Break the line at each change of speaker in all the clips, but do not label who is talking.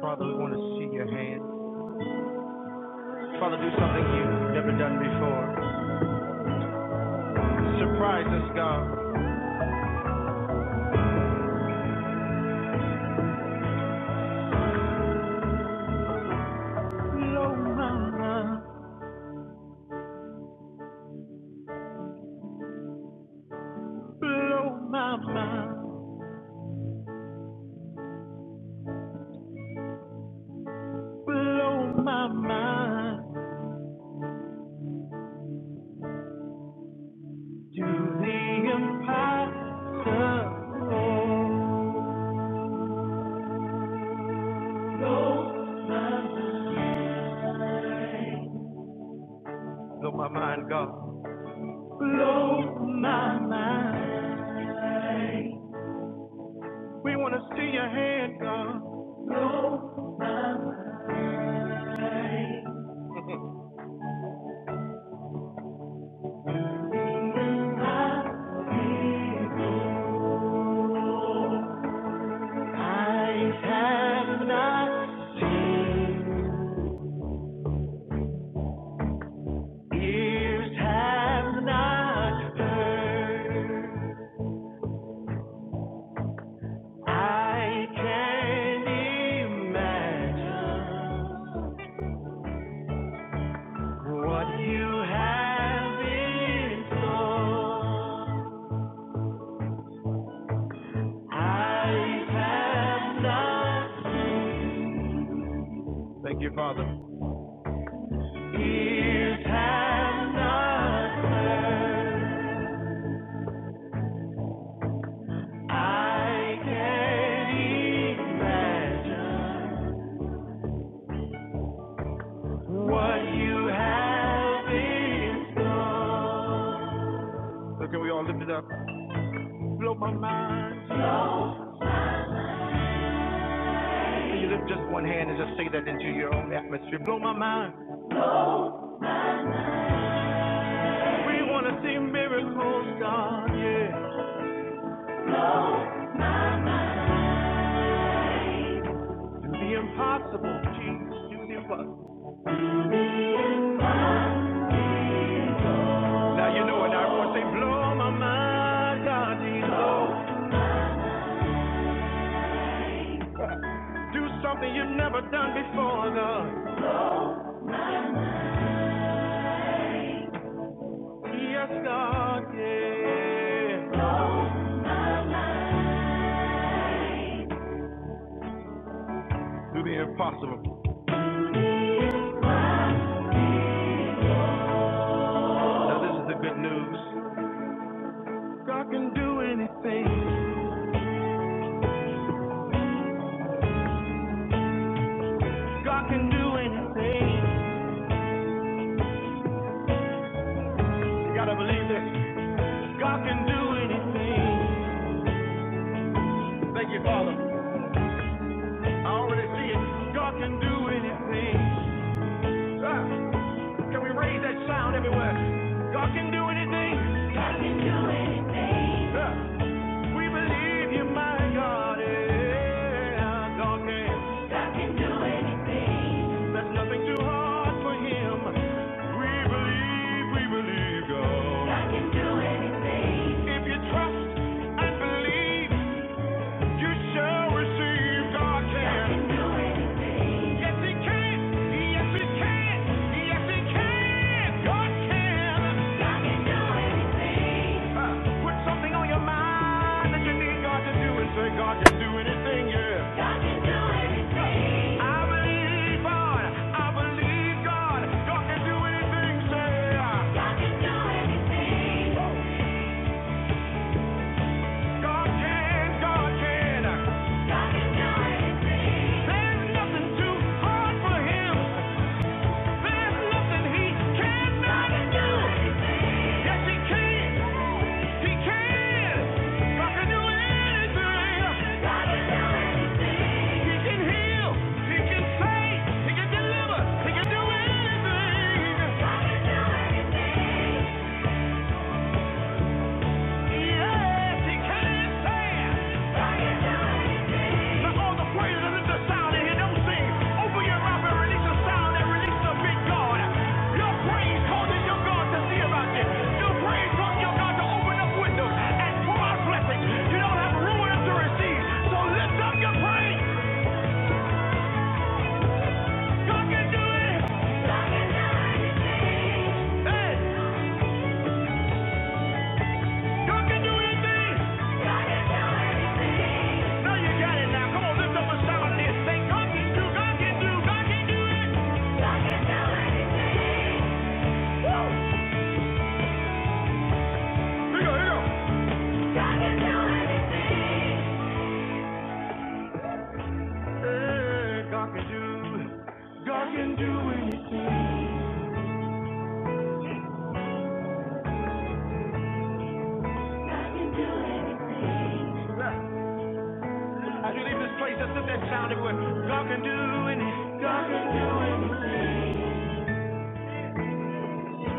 Father, we want to see your hand. Father, do something you've never done before. Surprise us, God. Blow my mind, blow my mind, blow my mind. Do the impossible. Blow my mind, God. Blow my mind. We want to see your hand, God. Eyes have not seen, ears have not heard. I can imagine what you have in store. Eyes have not seen, Thank you, Father. Ears have not heard. I can we all lift it up. Blow my mind. Can you lift just one hand and just say that into your own atmosphere? Blow my mind. We want to see miracles, God, yeah. Do the impossible, Jesus, do the impossible. Now you know it. Now everyone say, blow my mind, God, Jesus. Do something you've never done before, God. Yes, God, yeah. Do the impossible. Now, this is the good news. God can do anything. God can do anything. You gotta believe this. God can do anything. Thank you, Father. For this here. God can do anything. Ah, ah. God can do anything. God can do anything. We believe you, my God, yeah. God can. God can do anything. There's nothing too hard for him. We believe, we believe, God. God can do anything. If you trust, believe, you shall receive. God God can. do anything. Get God can do anything. Uh, put something on your mind that you need God to do and say, God can do anything, yeah. God can do anything. He can deliver. He can do anything. God can do anything. Hey! you can do anything. you can do anything. Now you got it now. Come on, lift up a shout out there. God can do, God can do, God can do. anything. Here, here. God can do anything. Hey, God can do. God can do anything. God can do anything. As you leave this place, just let that sound everywhere. God can do anything. God can do anything.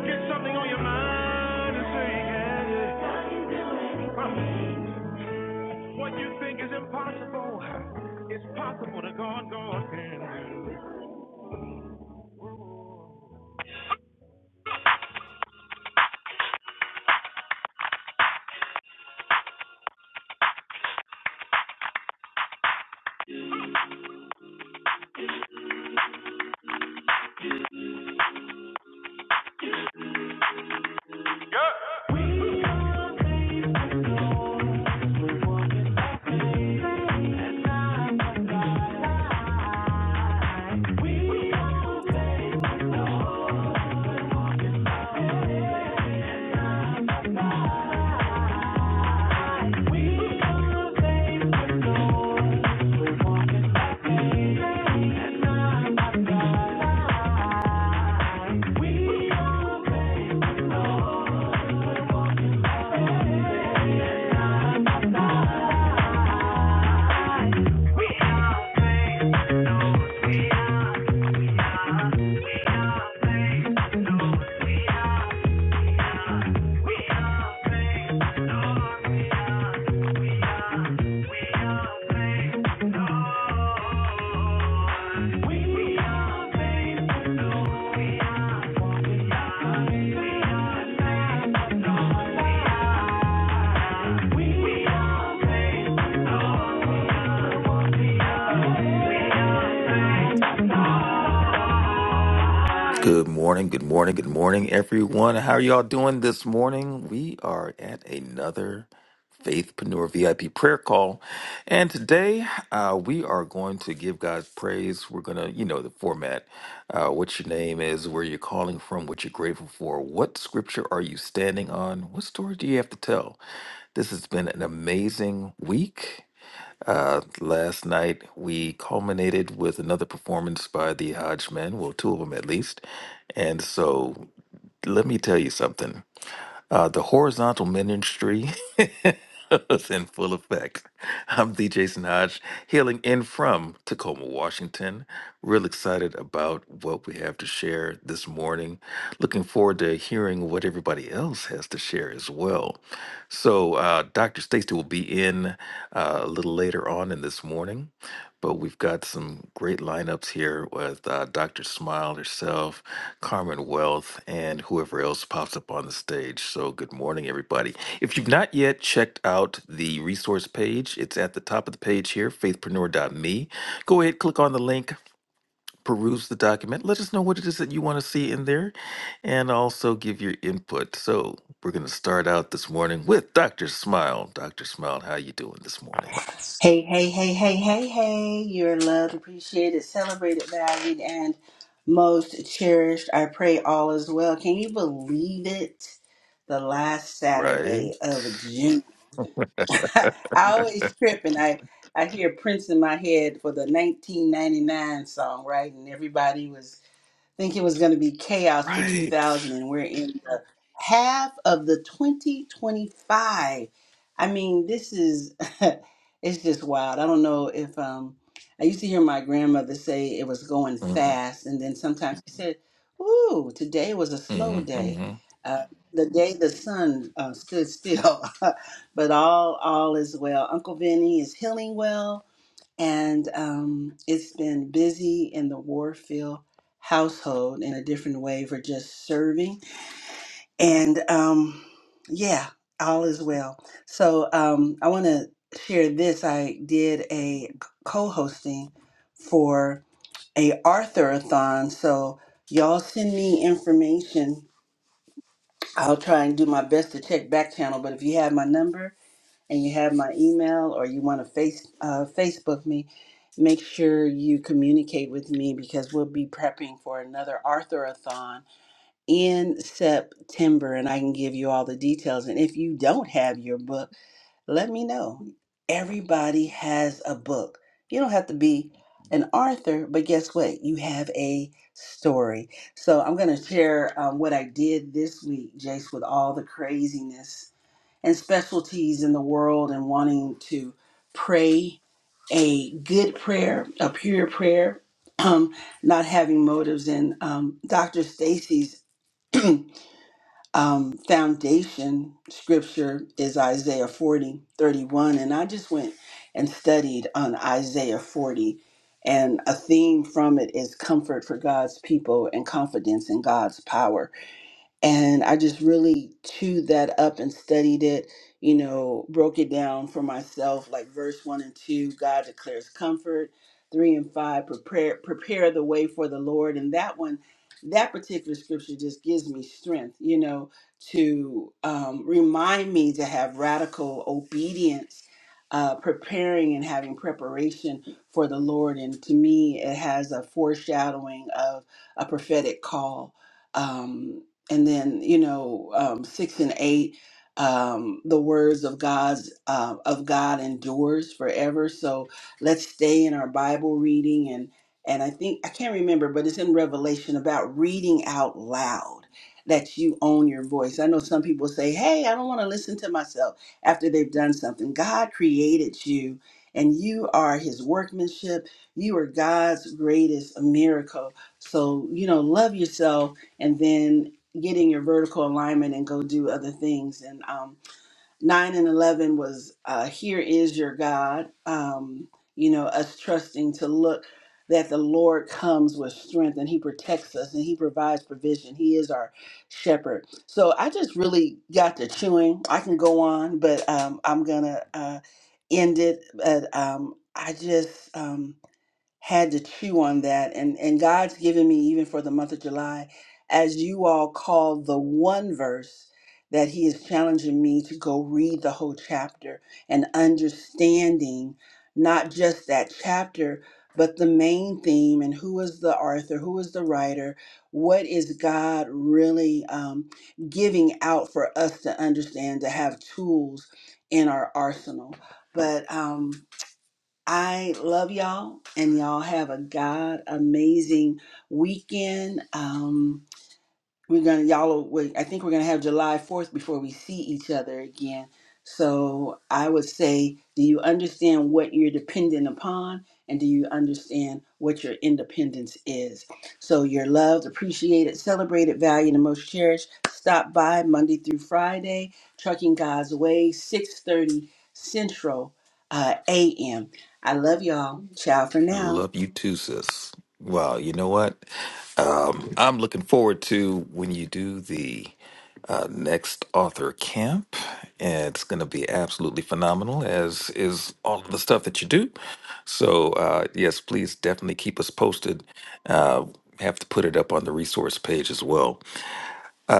Get something on your mind and say, yeah, yeah. God can do anything. What you think is impossible, it's possible that God, God can do. We are, we are, we are, thankful.
Good morning, good morning, good morning, everyone. How are y'all doing this morning? We are at another Faithpreneur VIP prayer call. And today uh, we are going to give God praise. We're going to, you know, the format, uh, what your name is, where you're calling from, what you're grateful for, what scripture are you standing on, what story do you have to tell? This has been an amazing week. Uh, last night we culminated with another performance by the Hodge Men, well, two of them at least. And so let me tell you something. Uh, the horizontal ministry is in full effect. I'm DJ Snaj, hailing in from Tacoma, Washington. Real excited about what we have to share this morning. Looking forward to hearing what everybody else has to share as well. So, uh, Dr. Stacey will be in uh, a little later on in this morning. But we've got some great lineups here with uh, Dr. Smile herself, Carmen Wealth, and whoever else pops up on the stage. So, good morning, everybody. If you've not yet checked out the resource page, it's at the top of the page here, faithpreneur.me. Go ahead, click on the link. Peruse the document. Let us know what it is that you want to see in there and also give your input. So, we're going to start out this morning with Dr. Smile. Dr. Smile, how you doing this morning?
Hey, hey, hey, hey, hey, hey. You're loved, appreciated, celebrated, valued, and most cherished. I pray all is well. Can you believe it? The last
Right?
Saturday of June. I always trip and I, I hear Prince in my head for the 1999 song, right? And everybody was think it was going to be chaos for
Right.
2000 and we're in the half of the 2025 i mean this is it's just wild i don't know if um i used to hear my grandmother say it was going fast and then sometimes she said ooh today was a slow
Mm-hmm,
day
hmm
uh, the day the sun uh, stood still but all all is well uncle vinny is healing well and um, it's been busy in the Warfield household in a different way for just serving. And um, yeah, all is well. So um, I want to share this. I did a co-hosting for a Arthurathon. So y'all send me information. I'll try and do my best to check back channel. But if you have my number and you have my email or you want to face uh, Facebook me, make sure you communicate with me because we'll be prepping for another Arthurathon in September, and I can give you all the details. And if you don't have your book, let me know. Everybody has a book. You don't have to be an author, but guess what? You have a story. So I'm going to share um, what I did this week, Jace, with all the craziness and specialties in the world and wanting to pray a good prayer, a pure prayer, um, not having motives. And um, Dr. Stacy's um, foundation scripture is Isaiah 40 31, And I just went and studied on Isaiah 40. And a theme from it is comfort for God's people and confidence in God's power and I just really chewed that up and studied it, you know, broke it down for myself, like verse one and two, God declares comfort, three and five, prepare prepare the way for the Lord. And that one, that particular scripture just gives me strength, you know, to um, remind me to have radical obedience. Uh, preparing and having preparation for the Lord. And to me, it has a foreshadowing of a prophetic call um, and then you know um, six and eight um, the words of god's uh, of god endures forever so let's stay in our bible reading and and i think i can't remember but it's in revelation about reading out loud that you own your voice i know some people say hey i don't want to listen to myself after they've done something god created you and you are his workmanship you are god's greatest miracle so you know love yourself and then getting your vertical alignment and go do other things. And um, nine and eleven was uh, here is your God. Um, you know, us trusting to look that the Lord comes with strength and He protects us and He provides provision. He is our shepherd. So I just really got to chewing. I can go on, but um, I'm gonna uh, end it. But um, I just. Um, had to chew on that and and God's given me even for the month of July as you all call the one verse that he is challenging me to go read the whole chapter and understanding not just that chapter but the main theme and who is the author who is the writer what is God really um, giving out for us to understand to have tools in our arsenal but um, I love y'all, and y'all have a God amazing weekend. Um, we're gonna y'all we, i think we're gonna have july 4th before we see each other again so i would say do you understand what you're dependent upon and do you understand what your independence is so you're loved appreciated celebrated valued and most cherished stop by monday through friday trucking god's way 6.30 central uh, am i love y'all ciao for now
Love you too, sis. Wow, you know what? Um, I'm looking forward to when you do the uh, next author camp. And it's going to be absolutely phenomenal, as is all of the stuff that you do. So, uh, yes, please definitely keep us posted. Uh, have to put it up on the resource page as well.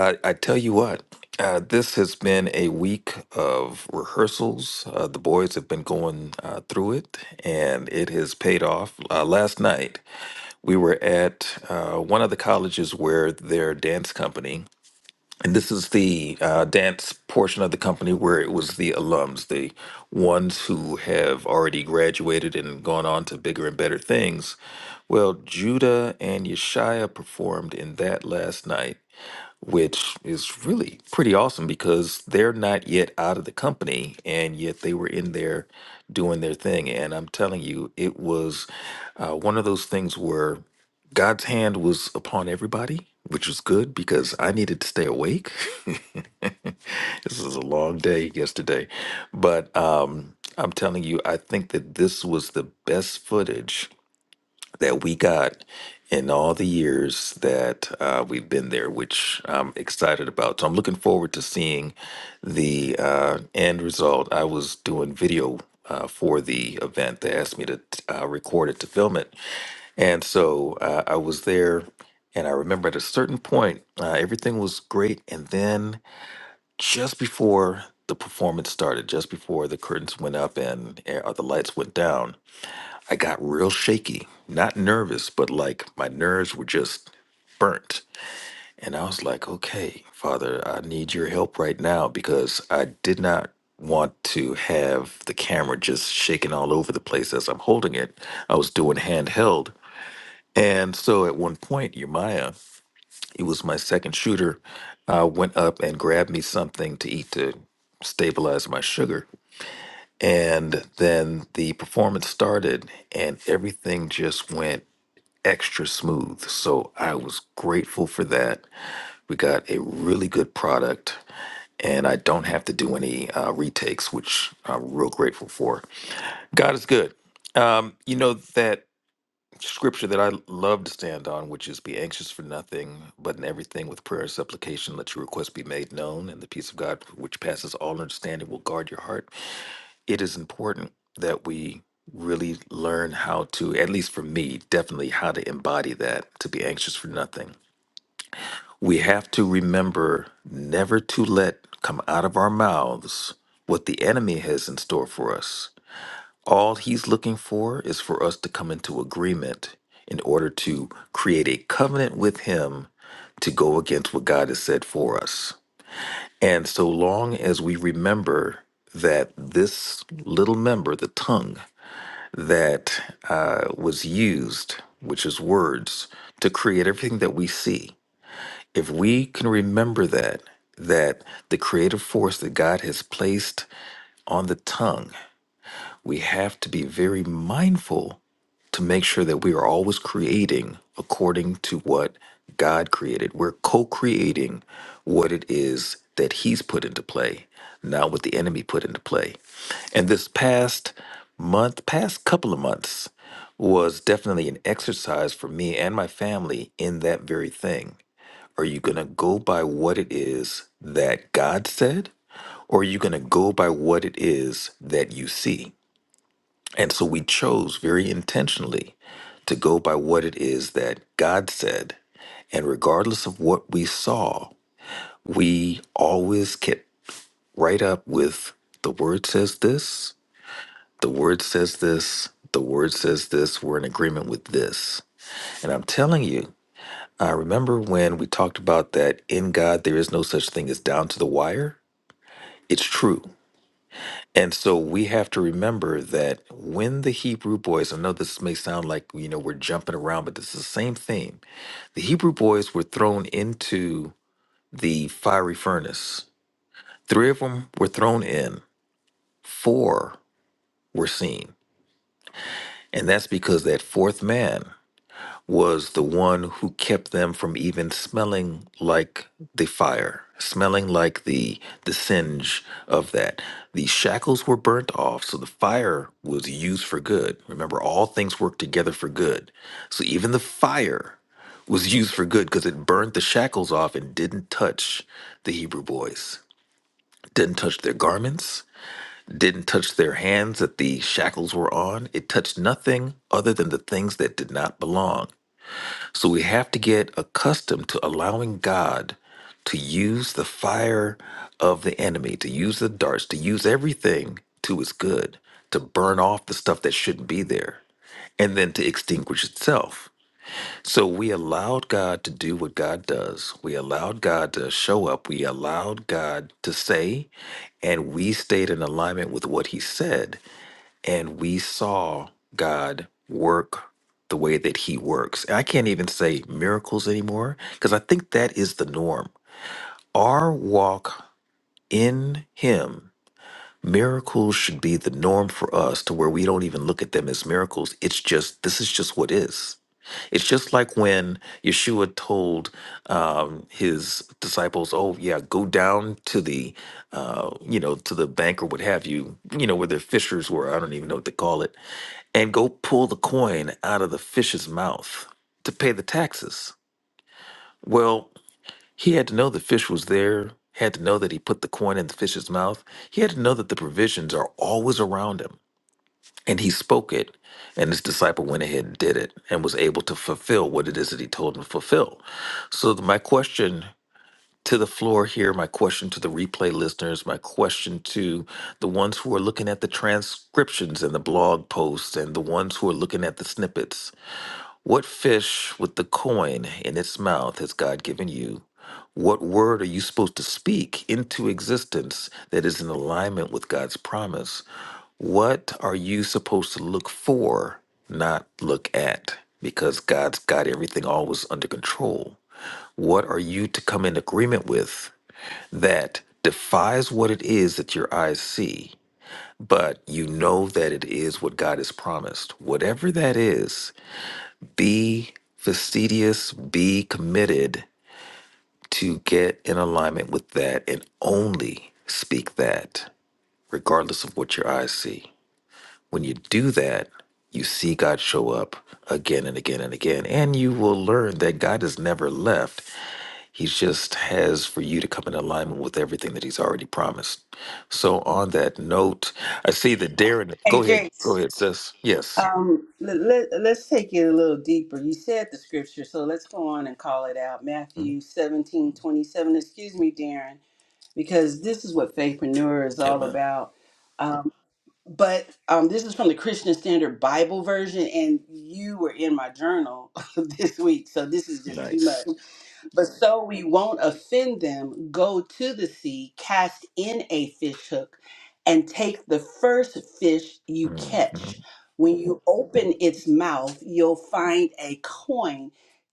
I, I tell you what, uh, this has been a week of rehearsals. Uh, the boys have been going uh, through it, and it has paid off. Uh, last night, we were at uh, one of the colleges where their dance company, and this is the uh, dance portion of the company where it was the alums, the ones who have already graduated and gone on to bigger and better things. Well, Judah and Yeshaya performed in that last night which is really pretty awesome because they're not yet out of the company and yet they were in there doing their thing. And I'm telling you, it was uh, one of those things where God's hand was upon everybody, which was good because I needed to stay awake. this was a long day yesterday, but um, I'm telling you, I think that this was the best footage that we got in all the years that uh, we've been there, which I'm excited about. So I'm looking forward to seeing the uh, end result. I was doing video. Uh, for the event, they asked me to uh, record it to film it, and so uh, I was there. And I remember at a certain point, uh, everything was great, and then just before the performance started, just before the curtains went up and uh, the lights went down, I got real shaky, not nervous, but like my nerves were just burnt. And I was like, okay, Father, I need your help right now because I did not want to have the camera just shaking all over the place as I'm holding it. I was doing handheld. And so at one point, Yemaya, he was my second shooter, uh, went up and grabbed me something to eat to stabilize my sugar. And then the performance started, and everything just went extra smooth. So I was grateful for that. We got a really good product, and I don't have to do any uh, retakes, which I'm real grateful for. God is good. Um, you know that scripture that I love to stand on, which is be anxious for nothing, but in everything with prayer and supplication, let your request be made known, and the peace of God, which passes all understanding, will guard your heart it is important that we really learn how to, at least for me, definitely how to embody that, to be anxious for nothing. We have to remember never to let come out of our mouths what the enemy has in store for us. All he's looking for is for us to come into agreement in order to create a covenant with him to go against what God has said for us. And so long as we remember that this little member, the tongue, that uh, was used, which is words, to create everything that we see. If we can remember that, that the creative force that God has placed on the tongue we have to be very mindful to make sure that we are always creating according to what God created. We're co creating what it is that He's put into play, not what the enemy put into play. And this past month, past couple of months, was definitely an exercise for me and my family in that very thing. Are you going to go by what it is that God said? Or are you going to go by what it is that you see? And so we chose very intentionally to go by what it is that God said. And regardless of what we saw, we always kept right up with the word says this, the word says this, the word says this, we're in agreement with this. And I'm telling you, I remember when we talked about that in God, there is no such thing as down to the wire. It's true. And so we have to remember that when the Hebrew boys, I know this may sound like, you know, we're jumping around, but it's the same thing. The Hebrew boys were thrown into the fiery furnace. Three of them were thrown in, four were seen. And that's because that fourth man was the one who kept them from even smelling like the fire, smelling like the the singe of that. The shackles were burnt off, so the fire was used for good. Remember, all things work together for good. So even the fire was used for good because it burned the shackles off and didn't touch the Hebrew boys. Didn't touch their garments, didn't touch their hands that the shackles were on. It touched nothing other than the things that did not belong. So we have to get accustomed to allowing God to use the fire of the enemy, to use the darts, to use everything to his good, to burn off the stuff that shouldn't be there, and then to extinguish itself. So we allowed God to do what God does. We allowed God to show up. We allowed God to say, and we stayed in alignment with what he said and we saw God work the way that He works. I can't even say miracles anymore because I think that is the norm. Our walk in Him, miracles should be the norm for us to where we don't even look at them as miracles. It's just, this is just what is. It's just like when Yeshua told um, his disciples, "Oh yeah, go down to the, uh, you know, to the bank or what have you, you know, where the fishers were. I don't even know what they call it, and go pull the coin out of the fish's mouth to pay the taxes." Well, he had to know the fish was there. Had to know that he put the coin in the fish's mouth. He had to know that the provisions are always around him. And he spoke it, and his disciple went ahead and did it and was able to fulfill what it is that he told him to fulfill. So, th- my question to the floor here, my question to the replay listeners, my question to the ones who are looking at the transcriptions and the blog posts, and the ones who are looking at the snippets what fish with the coin in its mouth has God given you? What word are you supposed to speak into existence that is in alignment with God's promise? What are you supposed to look for, not look at? Because God's got everything always under control. What are you to come in agreement with that defies what it is that your eyes see, but you know that it is what God has promised? Whatever that is, be fastidious, be committed to get in alignment with that and only speak that, regardless of what your eyes see. When you do that, you see God show up again and again and again, and you will learn that God has never left. He just has for you to come in alignment with everything that He's already promised. So, on that note, I see that Darren,
hey
go ahead,
jace
go ahead, sis. Yes.
Um, let, let, let's take it a little deeper. You said the scripture, so let's go on and call it out.
Mhm.
Matthew 17 27. Excuse me, Darren, because this is what faithpreneur is all
Amen.
about but um, this is from the Christian Standard Bible version, and you were in my journal this week, so this is just too
Nice.
much. But so we won't offend them, go to the sea, cast in a fish hook, and take the first fish you catch.
Mhm.
When you open its mouth, you'll find a coin.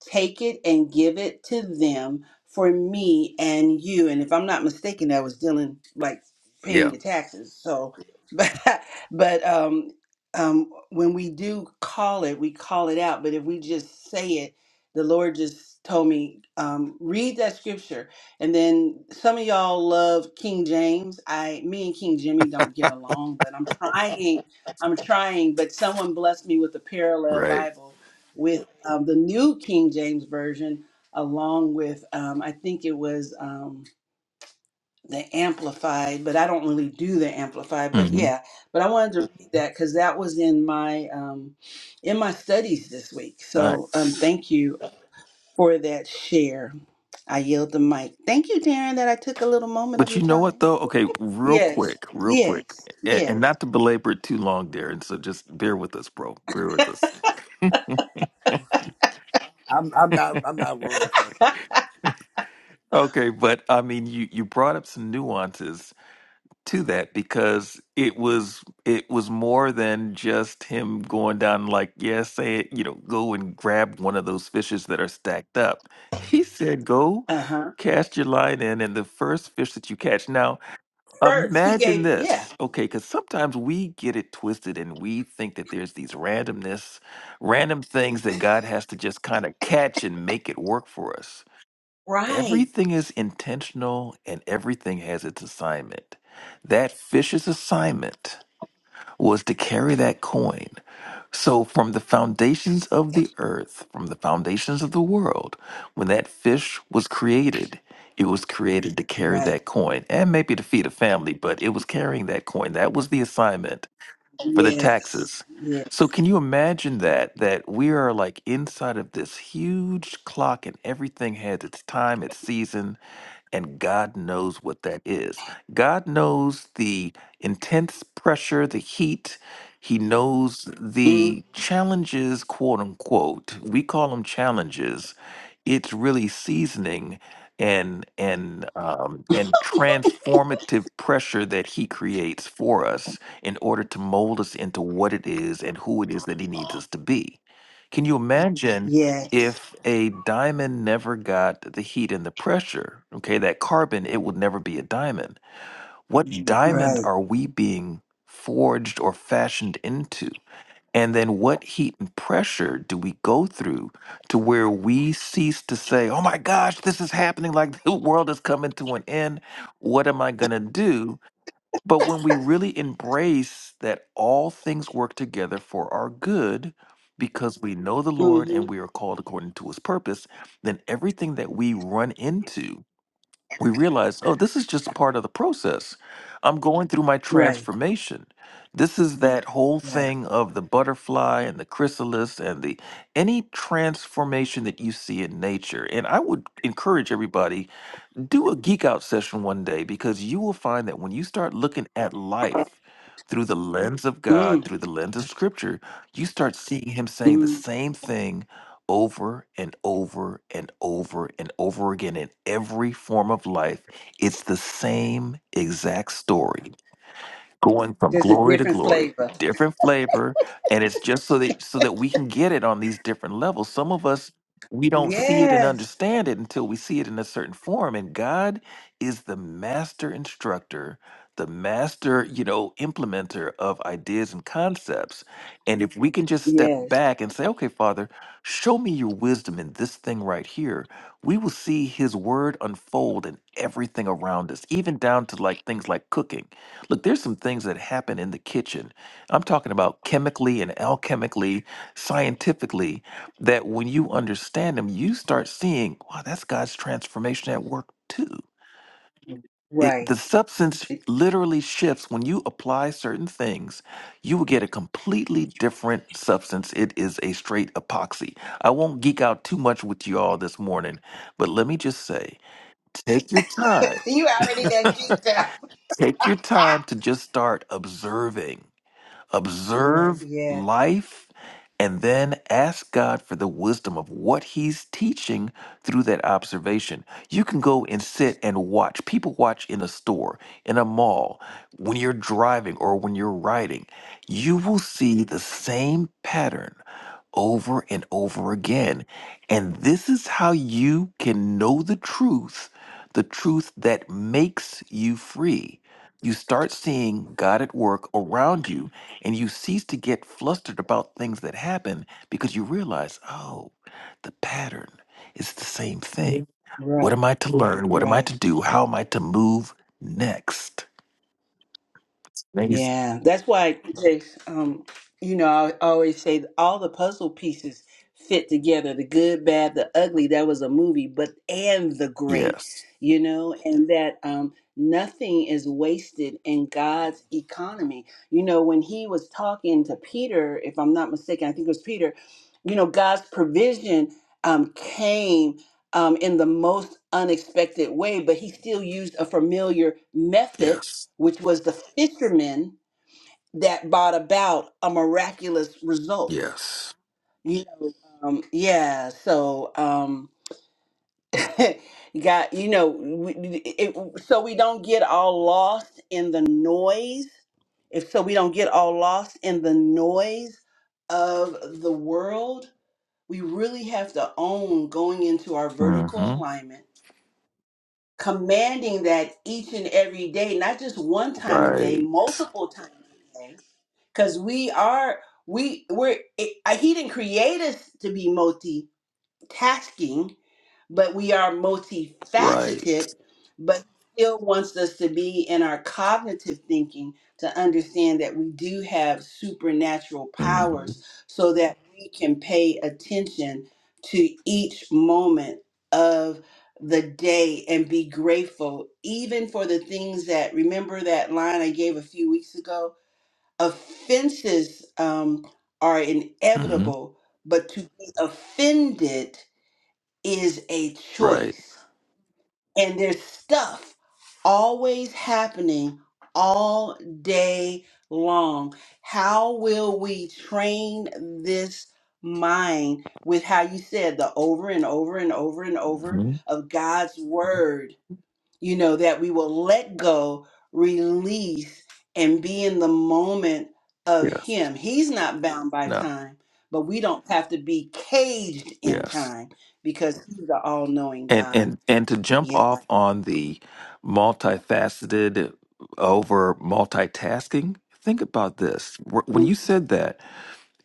Take it and give it to them for me and you. And if I'm not mistaken, that was dealing like
Yeah.
paying your taxes. So, but. But um, um, when we do call it, we call it out. But if we just say it, the Lord just told me, um, read that scripture. And then some of y'all love King James. I, me and King Jimmy don't get along, but I'm trying. I'm trying. But someone blessed me with a parallel
Right.
Bible with um, the New King James version, along with um, I think it was. Um, the amplified, but I don't really do the amplified. But
hmm
yeah, but I wanted to read that because that was in my um, in my studies this week. So um,
Nice.
thank you for that share. I yield the mic. Thank you, Darren, that I took a little moment of
But
your
you know what
time.
though? Okay, real
Yes,
quick, real quick,
yes,
and, and
yes.
not to belabor it too long, Darren. So just bear with us, bro. Bear with us.
I'm I'm not I'm not worried. Trust me.
Okay, but I mean, you you brought up some nuances to that because it was it was more than just him going down like, yeah, say it, you know, go and grab one of those fishes that are stacked up. He said, go
Uh huh.
cast your line in, and the first fish that you catch. Now,
First, he
Imagine
gave. Yeah.
this, okay, because sometimes we get it twisted and we think that there's these randomness, random things that God has to just kind of catch and make it work for us.
Right.
Everything is intentional and everything has its assignment. That fish's assignment was to carry that coin. So, from the foundations of the earth, from the foundations of the world, when that fish was created, it was created to carry
Right.
that coin and maybe to feed a family, but it was carrying that coin. That was the assignment for the
Yes.
taxes.
Yeah.
So, can you imagine that? That we are like inside of this huge clock and everything has its time, its season, and God knows what that is. God knows the intense pressure, the heat. He knows
Mm,
the challenges, quote unquote. We call them challenges. It's really seasoning and and um, and transformative pressure that he creates for us in order to mold us into what it is and who it is that he needs us to be. Can you Mhm. imagine
yes.
if a diamond never got the heat and the pressure, okay, that carbon, it would never be a diamond. What Mhm. diamond
Right.
are we being forged or fashioned into? And then what heat and pressure do we go through to where we cease to say, oh my gosh, this is happening, like the world is coming to an end. What am I going to do? But when we really embrace that all things work together for our good because we know the Lord
Mm-hmm.
and we are called according to his purpose, then everything that we run into, we realize, oh, this is just part of the process. I'm going through my
Right.
transformation. This is that whole
Right.
thing of the butterfly and the chrysalis and the any transformation that you see in nature. And I would encourage everybody do a geek out session one day because you will find that when you start looking at life through the lens of God,
Mm.
through the lens of scripture, you start seeing him saying the
Mm.
same thing over and over and over and over again in every form of life. It's the same exact story going from
There's a
glory to
different
glory
flavor.
different flavor and it's just so that so that we can get it on these different levels some of us we don't see it and
Yes.
understand it until we see it in a certain form and god is the master instructor the master you know implementer of ideas and concepts and if we can just step
Yes.
back and say okay father show me your wisdom in this thing right here we will see his word unfold in everything around us even down to like things like cooking Look, there's some things that happen in the kitchen. I'm talking about chemically and alchemically, scientifically, that when you understand them, you start seeing, wow, that's God's transformation at work too. It,
Right.
the substance
It-
literally shifts when you apply certain things. You will get a completely different substance. It is a straight epoxy. I won't geek out too much with you all this morning, but let me just say take your time.
You already done geeked out.
Take your time to just start observing observe
Yeah.
life, and then ask God for the wisdom of what He's teaching through that observation. You can go and sit and watch. People watch in a store, in a mall, when you're driving or when you're riding. You will see the same pattern over and over again. And this is how you can know the truth, the truth that makes you free. You start seeing God at work around you, and you cease to get flustered about things that happen because you realize, oh, the pattern is the same thing.
Right.
What am I to learn? What am I
Right.
to do? How am I to move next? Amazing.
Yeah, that's why it takes, um, you know, I always say all the puzzle pieces fit together, the good, bad, the ugly. That was a movie, but and the great,
Yes,
you know, and that um, nothing is wasted in God's economy. You know, when he was talking to Peter, if I'm not mistaken, I think it was Peter, you know, God's provision um, came um, in the most unexpected way, but he still used a familiar method
yes,
which was the fishermen that brought about a miraculous result.
yes.
You know, um, yeah. So, um, got you know, we, it, so we don't get all lost in the noise. If so, we don't get all lost in the noise of the world. We really have to own going into our
Mm-hmm.
vertical alignment, commanding that each and every day, not just one time a day,
Right.
multiple times a day because we are we we're it, uh, he didn't create us to be multitasking but we are
Right.
multifaceted but he still wants us to be in our cognitive thinking to understand that we do have supernatural
hmm
powers so that we can pay attention to each moment of the day and be grateful even for the things that remember that line i gave a few weeks ago offenses um, are
hmm
inevitable, but to be offended is a
Right.
choice. And there's stuff always happening all day long. How will we train this mind with how you said the over and over and over and over
hmm
of God's word? you know, that we will let go, release, and be in the moment of
Yes.
Him. He's not bound by
No.
time, but we don't have to be caged in
Yes.
time because He's the all knowing
And
God.
and and to jump
Yeah.
off on the multifaceted over multitasking, think about this. Wh- When
Mm.
you said that,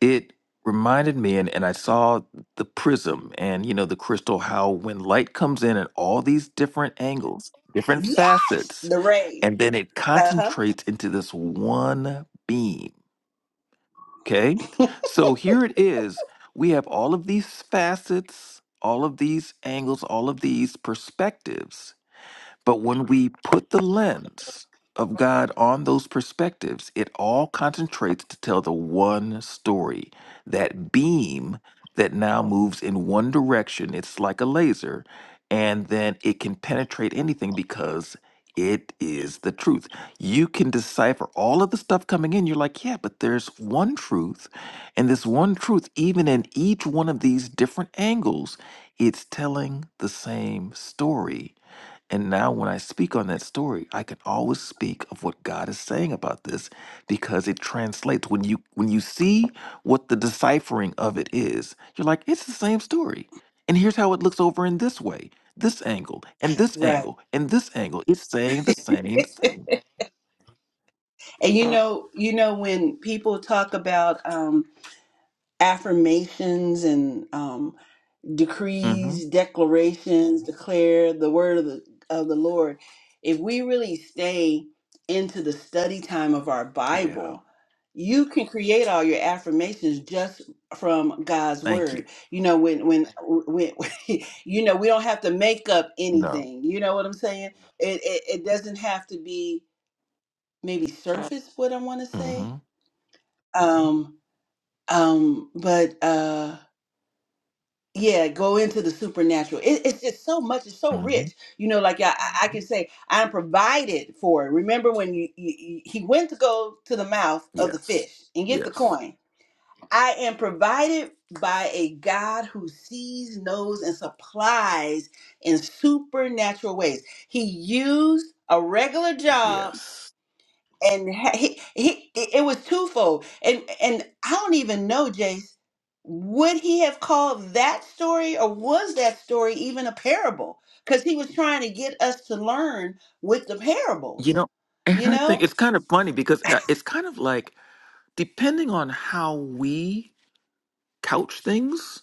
it reminded me and, and I saw the prism and you know the crystal how when light comes in at all these different angles, different
Yeah.
facets,
The rays.
and then it
Uh huh.
concentrates into this one beam Okay. So here it is. We have all of these facets, all of these angles, all of these perspectives. But when we put the lens of God on those perspectives, it all concentrates to tell the one story. That beam that now moves in one direction, it's like a laser, and then it can penetrate anything because it is the truth. You can decipher all of the stuff coming in. You're like, yeah, but there's one truth. And this one truth, even in each one of these different angles, it's telling the same story and now, when I speak on that story, I can always speak of what God is saying about this because it translates. When you when you see what the deciphering of it is, you're like, it's the same story. And here's how it looks over in this way, this angle, and this
Right.
angle, and this angle. It's saying the same thing.
And you know, you know, when people talk about um, affirmations and um,
hmm
decrees, declarations, declare the word of the of the Lord. If we really stay into the study time of our
Yeah.
Bible, you can create all your affirmations just from God's
Thank you.
word. You know when when when you know we don't have to make up
No.
anything. You know what I'm saying? It it, it doesn't have to be maybe surface what I want to
hmm
say. Um um but uh. yeah go into the supernatural it, it's just so much it's so
hmm
rich you know like i, I I can say i'm provided for remember when you, you, you- he went to go to the mouth of the
Yes.
fish and get the
Yes.
coin i am provided by a god who sees knows and supplies in supernatural ways he used a regular job
Yes.
and ha- he, he it was twofold and and i don't even know jace would he have called that story or was that story even a parable because he was trying to get us to learn with the
You
parables
know, and
you
I think
know
it's kind of funny because uh, it's kind of like depending on how we couch things,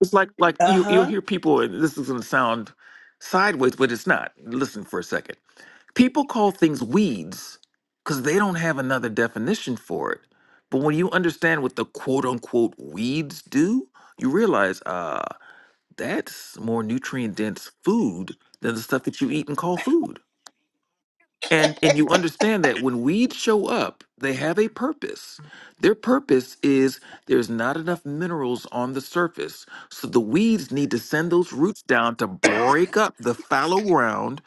it's like like you you'll
uh-huh
hear people, and this is gonna sound sideways, but it's not. Listen for a second. People call things weeds because they don't have another definition for it. But when you understand what the quote unquote weeds do, you realize uh that's more nutrient dense food than the stuff that you eat and call food. And and you understand that when weeds show up, they have a purpose. Their purpose is there's not enough minerals on the surface. So the weeds need to send those roots down to break up the fallow ground,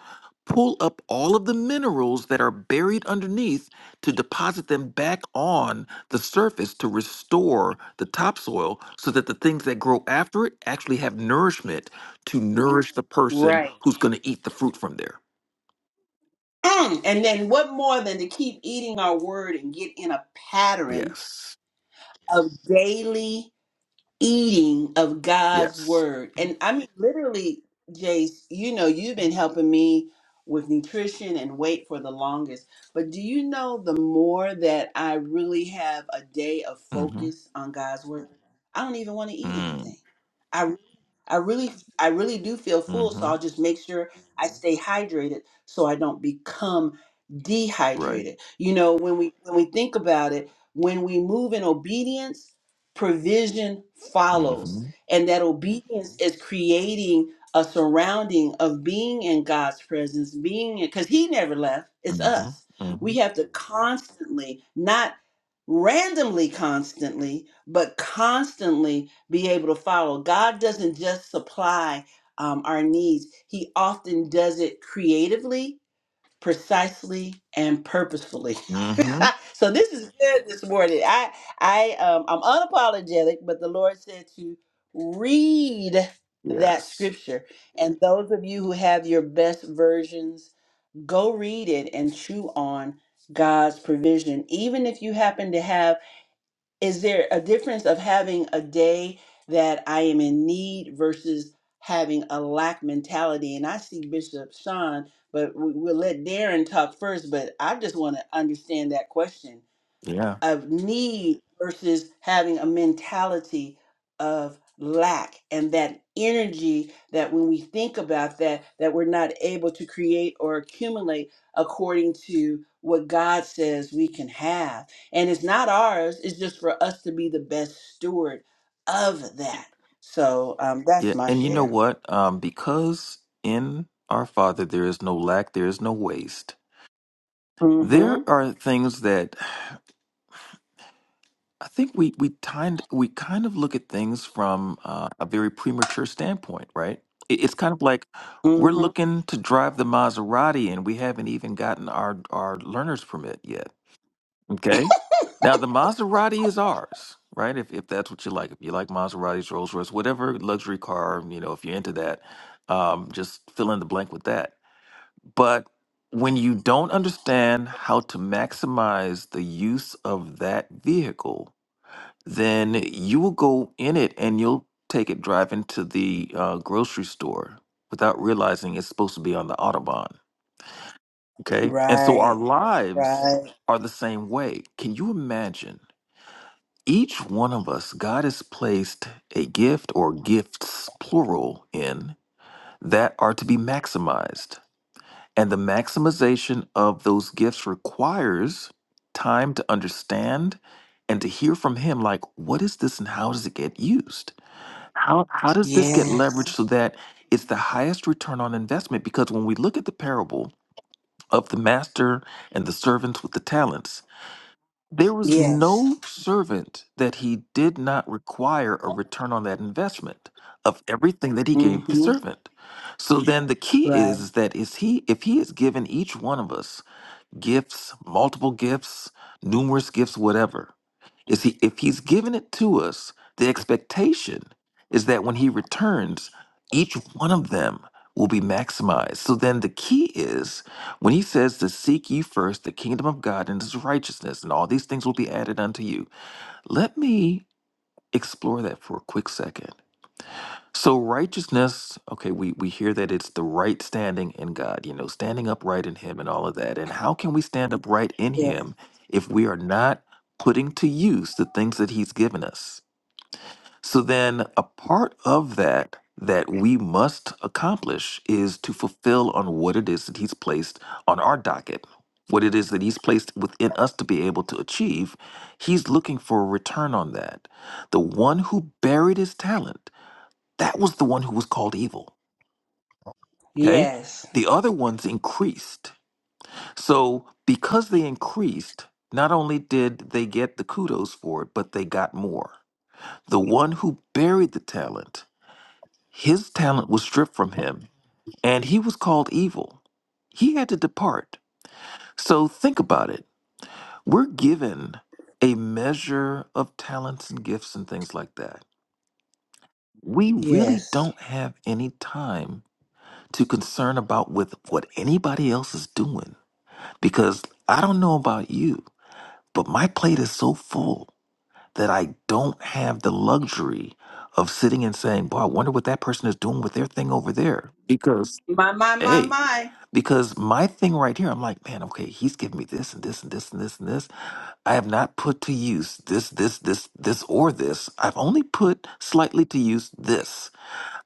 pull up all of the minerals that are buried underneath to deposit them back on the surface to restore the topsoil so that the things that grow after it actually have nourishment to nourish the person
Right.
who's going to eat the fruit from there.
Mm, and then what more than to keep eating our word and get in a pattern
Yes.
of daily eating of God's
Yes.
word. And I mean, literally, Jace, you know, you've been helping me with nutrition and weight for the longest. But do you know the more that I really have a day of
Mm-hmm.
focus on God's word, I don't even want to eat
Mm.
anything. I really, I really do feel full, so
Mm-hmm.
I'll just make sure I stay hydrated so I don't become
Right.
dehydrated. You know, when we when we think about it, when we move in obedience, provision follows,
Mm-hmm.
and that obedience is creating a surrounding of being in God's presence, being in because He never left. It's
Mm-hmm.
us.
Mm-hmm.
We have to constantly, not randomly, constantly, but constantly be able to follow. God doesn't just supply um, our needs, He often does it creatively, precisely, and purposefully.
Mm-hmm.
so this is good this morning. I I um, I'm unapologetic, but the Lord said to read that
Yes.
scripture. And those of you who have your best versions, go read it and chew on God's provision. Even if you happen to have is there a difference of having a day that I am in need versus having a lack mentality? And I see Bishop Sean, but we- we'll let Darren talk first. But I just want to understand that question
Yeah.
of need versus having a mentality of lack and that energy that when we think about that that we're not able to create or accumulate according to what God says we can have and it's not ours it's just for us to be the best steward of that so um that's
Yeah.
my
And you know
share
what? Um, because in our Father there is no lack, there is no waste.
mm
There
mhm
are things that I think we we kind we kind of look at things from uh, a very premature standpoint, right? It, it's kind of like we're
mm mhm
looking to drive the Maserati and we haven't even gotten our our learner's permit yet Okay. Now the Maserati is ours, right? If if that's what you like, if you like Maseratis, Rolls Royce, whatever luxury car, you know, if you're into that, um, just fill in the blank with that. But when you don't understand how to maximize the use of that vehicle, then you will go in it and you'll take it driving to the uh, grocery store without realizing it's supposed to be on the autobahn. Okay, and so our
right
lives
right
are the same way. Can you imagine? Each one of us, God has placed a gift or gifts, plural, in that are to be maximized. And the maximization of those gifts requires time to understand and to hear from Him like, what is this and how does it get used? How, how does this get
yes
leveraged so that it's the highest return on investment? Because when we look at the parable of the master and the servants with the talents, there was
yes
no servant that he did not require a return on that investment of everything that he
mm
gave the
mhm
servant. So then the key is,
right
is that is he if he has given each one of us gifts, multiple gifts, numerous gifts, whatever. Is he if he's given it to us, the expectation is that when he returns, each one of them will be maximized. So then the key is when he says to seek ye first the kingdom of God and his righteousness, and all these things will be added unto you. Let me explore that for a quick second. So righteousness, okay, we we hear that it's the right standing in God, you know, standing upright in him and all of that. And how can we stand upright in
yeah
him if we are not putting to use the things that he's given us? So then a part of that that we must accomplish is to fulfill on what it is that he's placed on our docket. What it is that he's placed within us to be able to achieve, he's looking for a return on that. The one who buried his talent that was the one who was called evil. Okay.
yes
The other ones increased. So because they increased, not only did they get the kudos for it, but they got more. The one who buried the talent, his talent was stripped from him and he was called evil. He had to depart. So think about it. We're given a measure of talents and gifts and things like that. We really
Yes.
don't have any time to concern about with what anybody else is doing because I don't know about you, but my plate is so full that I don't have the luxury of sitting and saying, "Boy, I wonder what that person is doing with their thing over there." Because
My, my, my,
hey,
my.
because my thing right here, I'm like, man, okay, he's giving me this and this and this and this and this. I have not put to use this, this, this, this, or this. I've only put slightly to use this.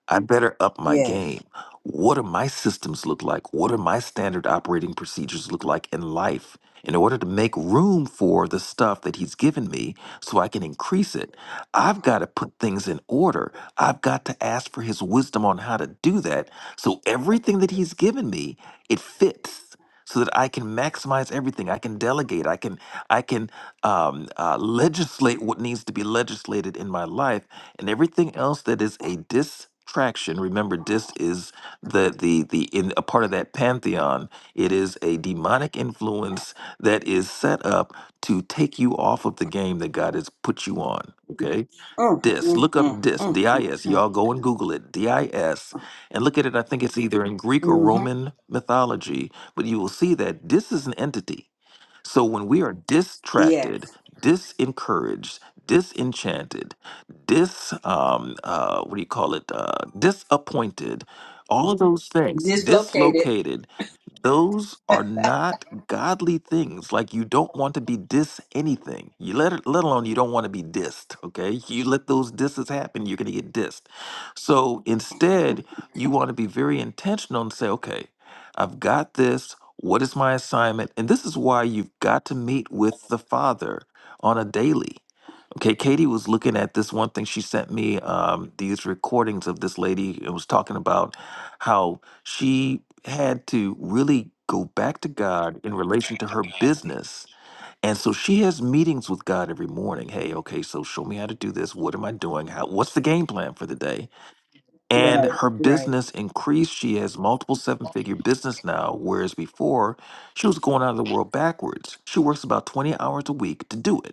I better up my
Yes.
game. What do my systems look like? What do my standard operating procedures look like in life in order to make room for the stuff that he's given me so I can increase it? I've got to put things in order. I've got to ask for his wisdom on how to do that so everything that he's given me, it fits so that I can maximize everything. I can delegate. I can I can um, uh, legislate what needs to be legislated in my life and everything else that is a distraction remember dis is the the the in a part of that pantheon it is a demonic influence that is set up to take you off of the game that god has put you on okay
Mm,
dis
mm,
look
mm,
up dis
mm, mm,
dis
mm.
y'all go and google it dis and look at it i think it's either in greek or
Mhm.
roman mythology but you will see that dis is an entity so when we are distracted,
Yes.
disencouraged, disenchanted, dis um uh what do you call it? Uh disappointed, all of those things,
Dislocated.
dislocated, those are not godly things. Like you don't want to be dis anything. You let it, let alone you don't want to be dissed. Okay, you let those disses happen, you're gonna get dissed. So instead, you want to be very intentional and say, okay, I've got this. What is my assignment? And this is why you've got to meet with the Father on a daily. Okay, Katie was looking at this one thing she sent me, um, these recordings of this lady and was talking about how she had to really go back to God in relation to her business. And so she has meetings with God every morning. Hey, okay, so show me how to do this. What am I doing? How what's the game plan for the day? And
Right,
her
right.
business increased. She has multiple seven-figure business now, whereas before she was going out of the world backwards. She works about 20 hours a week to do it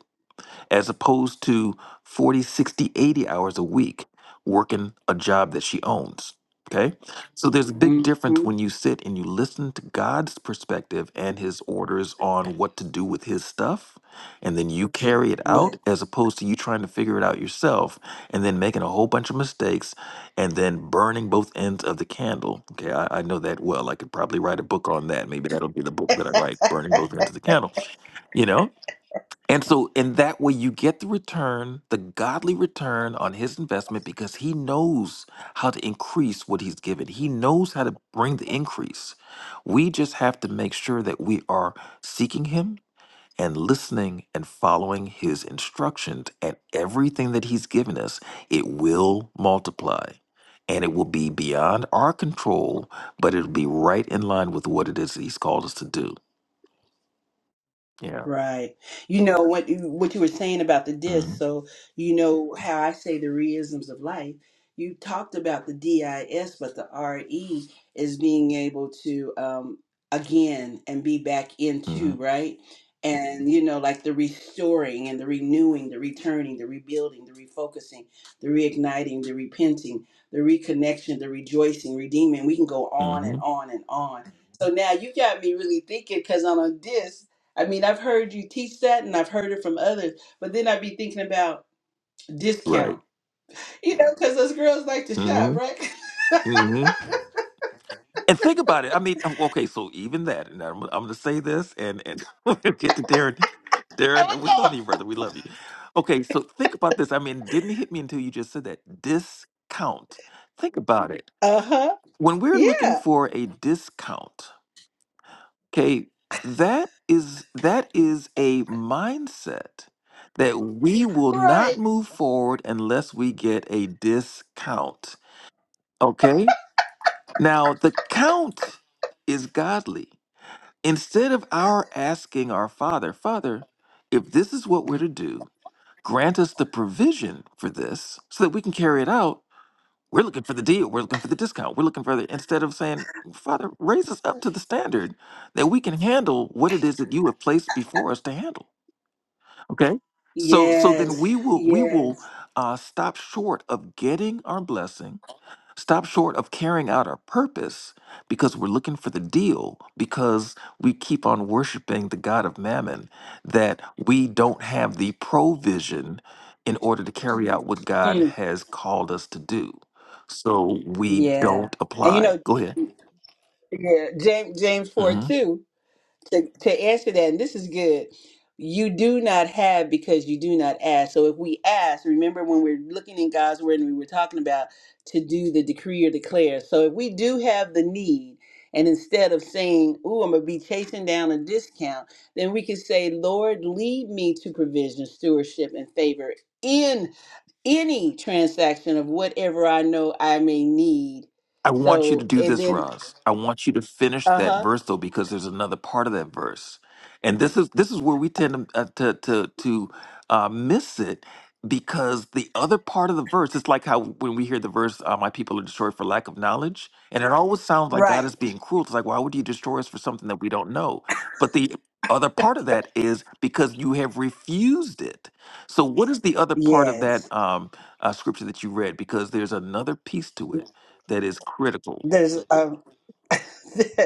as opposed to 40, 60, 80 hours a week working a job that she owns. Okay. So there's a big difference
hmm
when you sit and you listen to God's perspective and his orders on what to do with his stuff. And then you carry it out as opposed to you trying to figure it out yourself and then making a whole bunch of mistakes and then burning both ends of the candle. Okay. I, I know that well. I could probably write a book on that. Maybe that'll be the book that I write, Burning Both Ends of the Candle, you know? And so, in that way, you get the return, the godly return on his investment because he knows how to increase what he's given. He knows how to bring the increase. We just have to make sure that we are seeking him and listening and following his instructions. And everything that he's given us, it will multiply. And it will be beyond our control, but it'll be right in line with what it is that he's called us to do. Yeah.
Right. You know what you- what you were saying about the
hmm
disc. So you know how I say the reisms of life. You talked about the DIS, but the RE is being able to um again and be back
hmm
into right. And you know, like the restoring and the renewing, the returning, the rebuilding, the refocusing, the reigniting, the repenting, the reconnection, the rejoicing, redeeming. We can go on
hmm
and on and on. So now you got me really thinking because I'm on a disc I mean, I've heard you teach that and I've heard it from others, but then I'd be thinking about
Right.
discount, you know, because those girls like to shop,
hmm
right?
hmm And think about it. I mean, oh, okay, so even that, and I'm, I'm going to say this, and and we'll get to Darren.
I
Darren,
would
we love you, brother. We love you. Okay, so think about this. I mean, it didn't hit me until you just said that discount. Think about it.
go, uh huh.
When we're looking
Yeah.
for a discount, okay, that is that is a mindset that we will not
Right.
move forward unless we get a discount. Okay? Now, the count is godly. Instead of our asking our Father, Father, if this is what we're to do, grant us the provision for this so that we can carry it out. We're looking for the deal. We're looking for the discount. We're looking for the, instead of saying, Father, raise us up to the standard that we can handle what it is that you have placed before us to handle. Okay. So, so then
Yes.
we will, we will
Yes.
uh, stop short of getting our blessing stop short of carrying out our purpose because we're looking for the deal because we keep on worshiping the god of mammon that we don't have the provision in order to carry out what god
Mm,
has called us to do so we
yeah.
don't
And you
apply
know,
go ahead
yeah, James James four
Mm-hmm.
too. to, to answer that, and this is good. You do not have because you do not ask. So if we ask, remember when we're looking in God's word and we were talking about to do the decree or declare. So if we do have the need, and instead of saying, "Ooh, I'm gonna be chasing down a discount," then we can say, "Lord, lead me to provision, stewardship, and favor in any transaction of whatever I know I may need."
I want you to
So
do
and
this,
then,
Roz. I want you to finish
uh
that
huh,
verse though, because there's another part of that verse, and this is this is where we tend to uh, to to, to uh, miss it because the other part of the verse. It's like how when we hear the verse, uh, "My people are destroyed for lack of knowledge," and it always sounds like God
right,
is being cruel. It's like, why would you destroy us for something that we don't know? But the other part of that is because you have refused it. So, what is the other part of
yes.
that um, uh, scripture that you read? Because there's another piece to it that is critical.
There's a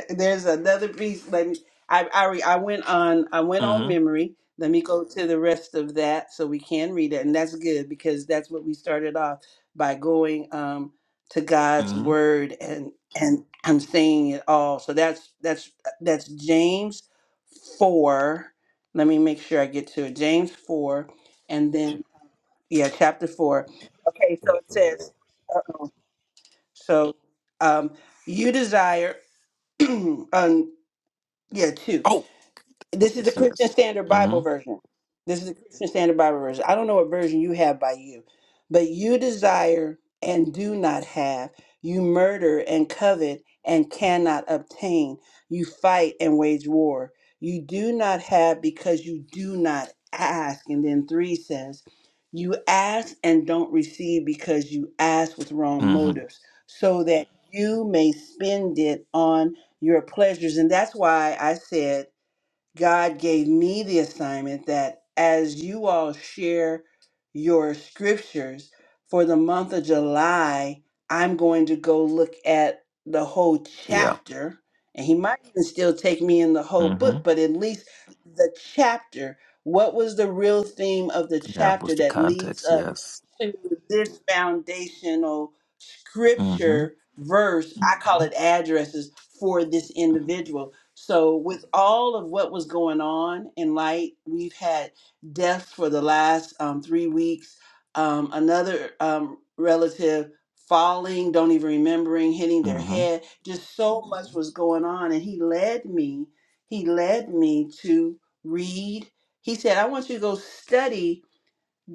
There's another piece. Let me. I, I re- I went on. I went on
hmm
memory. Let me go to the rest of that so we can read it, and that's good because that's what we started off by going um, to God's
hmm
word and and I'm saying it all. So that's that's that's James four. Let me make sure I get to it. James four, and then yeah, chapter four. Okay, so it says. uh, So um, you desire. Yeah, two.
Oh,
This is the
yes,
Christian
yes.
Standard
hmm
Bible version. This is the Christian Standard Bible version. I don't know what version you have by you, but you desire and do not have. You murder and covet and cannot obtain. You fight and wage war. You do not have because you do not ask. And then three says, You ask and don't receive because you ask with wrong
hmm
motives, so that you may spend it on your pleasures. And that's why I said, God gave me the assignment that as you all share your scriptures for the month of July, I'm going to go look at the whole
Yeah.
chapter. And he might even still take me in the whole
hmm
book, but at least the chapter. What was the real theme of the
Yeah.
chapter
What's the
that leads
context?
up?
Yes.
to this foundational
hmm
scripture verse. I call it addresses for this
hmm
individual. So, with all of what was going on in light, we've had deaths for the last um, three weeks. Um, another um, relative falling, don't even remembering, hitting their
hmm
head. Just so much was going on. And he led me, he led me to read. He said, I want you to go study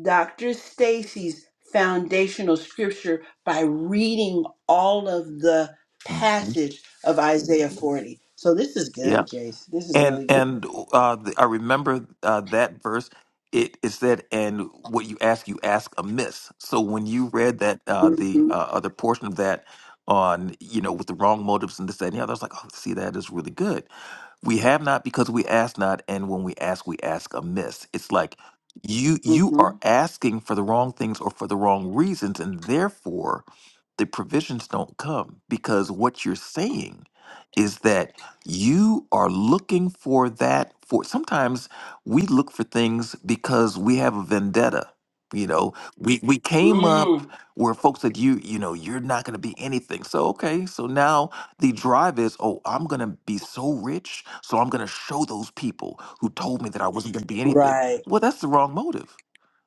Dr. Stacy's foundational scripture by reading all of the
hmm
passage of Isaiah 40. So this is
Yeah.
good, Jace. This is
And
really
and
good.
uh, the, I remember uh, that verse. It it said, "And what you ask, you ask amiss." So when you read that uh, the
hmm
uh, other portion of that on you know with the wrong motives and this that and the other, I was like, "Oh, see, that is really good." We have not because we ask not, and when we ask, we ask amiss. It's like you you
hmm
are asking for the wrong things or for the wrong reasons, and therefore the provisions don't come because what you're saying is that you are looking for that for sometimes we look for things because we have a vendetta. You know, we we came up
Mm.
where folks said you you know you're not going to be anything. So okay, so now the drive is, oh, I'm going to be so rich, so I'm going to show those people who told me that I wasn't going to be anything.
Right.
Well, that's the wrong motive.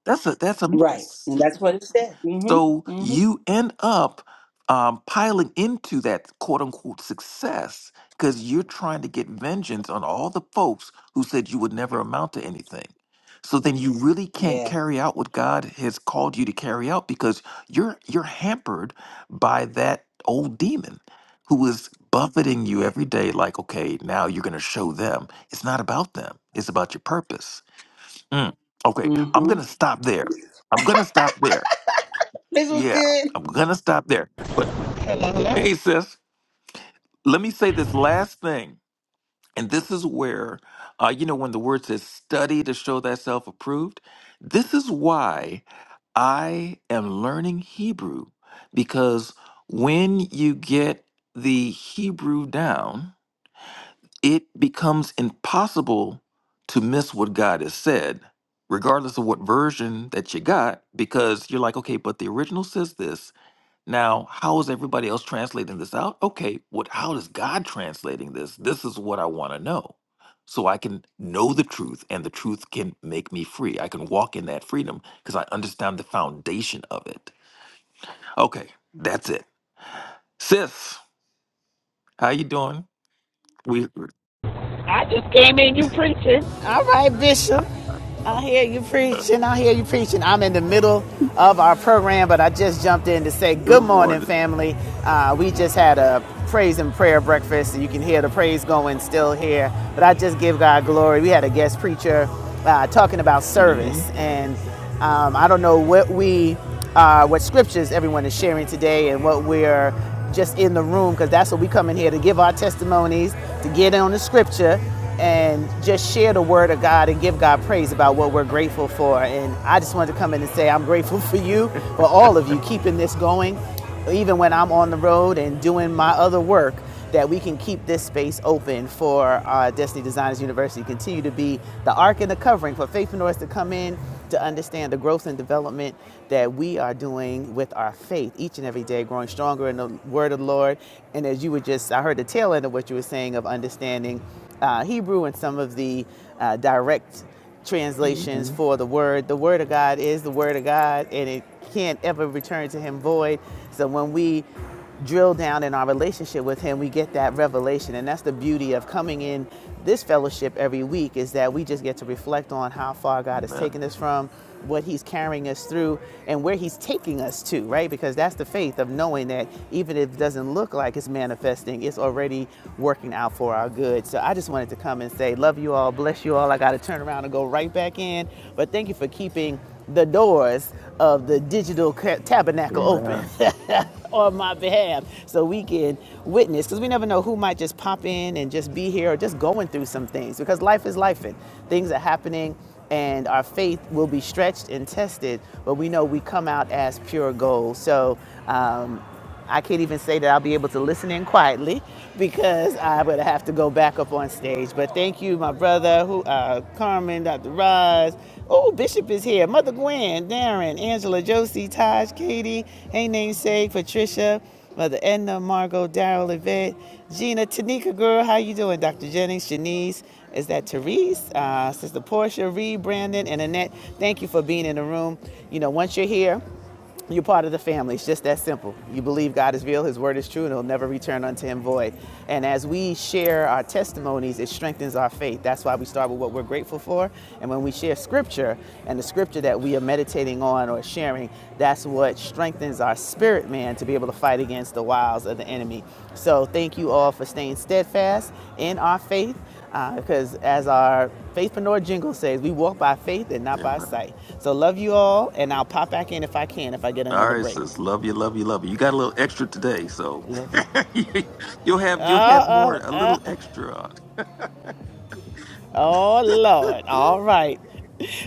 That's a that's a
Right.
miss.
And that's what it said. hmm
So
hmm
you end up um, piling into that quote unquote success because you're trying to get vengeance on all the folks who said you would never amount to anything. So then you really can't
Yeah.
carry out what God has called you to carry out because you're you're hampered by that old demon who is buffeting you
Yeah.
every day like okay now you're going to show them it's not about them it's about your purpose Mm. okay i'm
hmm
going to stop there i'm going to stop there
This was
yeah,
good.
I'm gonna stop there. But hey, sis, let me say this last thing, and this is where, uh, you know, when the word says "study to show thyself approved," this is why I am learning Hebrew, because when you get the Hebrew down, it becomes impossible to miss what God has said, regardless of what version that you got, because you're like, okay, but the original says this Now, how is everybody else translating this out? Okay, what how is God translating this? This is what I want to know. So I can know the truth and the truth can make me free. I can walk in that freedom because I understand the foundation of it. Okay, that's it. Sis, how you doing? We we're
I just came in you preaching. All right, Bishop. I hear you preaching. I hear you preaching. I'm in the middle of our program, but I just jumped in to say good morning,
rewarded.
family. Uh, we just had a praise and prayer breakfast. and You can hear the praise going still here, but I just give God glory. We had a guest preacher uh, talking about
Mm-hmm.
service, and um, I don't know what we, uh, what scriptures everyone is sharing today and what we're just in the room, because that's what we come in here to give our testimonies, to get on the scripture, and just share the word of God and give God praise about what we're grateful for. And I just wanted to come in and say, I'm grateful for you, for all of you, keeping this going even when I'm on the road and doing my other work, that we can keep this space open for uh, Destiny Designers University, continue to be the arc and the covering for faith entrepreneurs to come in to understand the growth and development that we are doing with our faith each and every day, growing stronger in the word of the Lord. And as you were just, I heard the tail end of what you were saying of understanding uh, Hebrew and some of the uh, direct translations
Mm-hmm.
for the word. The word of God is the word of God and it can't ever return to him void. So when we drill down in our relationship with him, we get that revelation. And that's the beauty of coming in this fellowship every week is that we just get to reflect on how far God has
Amen.
taken us from what he's carrying us through and where he's taking us to, right? Because that's the faith of knowing that even if it doesn't look like it's manifesting, it's already working out for our good. So I just wanted to come and say, love you all, bless you all. I got to turn around and go right back in. But thank you for keeping the doors of the digital tabernacle open
Amen.
on my behalf so we can witness because we never know who might just pop in and just be here or just going through some things because life is life and things are happening and our faith will be stretched and tested, but we know we come out as pure gold. So um, I can't even say that I'll be able to listen in quietly because i would have to go back up on stage. But thank you, my brother, who uh, Carmen, Dr. Roz. Oh, Bishop is here. Mother Gwen, Darren, Angela, Josie, Taj, Katie, Hey Namesake, Patricia. Mother Edna, Margot, Daryl, Yvette, Gina, Tanika, girl, how you doing? Dr. Jennings, Janice, is that Therese? Uh, Sister Portia, Reed, Brandon, and Annette, thank you for being in the room. You know, once you're here, you're part of the family. It's just that simple. You believe God is real, His word is true, and it'll never return unto Him void. And as we share our testimonies, it strengthens our faith. That's why we start with what we're grateful for. And when we share scripture and the scripture that we are meditating on or sharing, that's what strengthens our spirit man to be able to fight against the wiles of the enemy. So thank you all for staying steadfast in our faith. Uh, Because as our faithpreneur jingle says, we walk by faith and not by
Amen.
sight. So love you all, and I'll pop back in if I can, if I get
All
another
right,
break.
sis. Love you, love you, love you. You got a little extra today, so
Love you.
you'll
Uh,
have you'll have
uh,
more, a
uh,
little extra on.
oh, Lord. All right.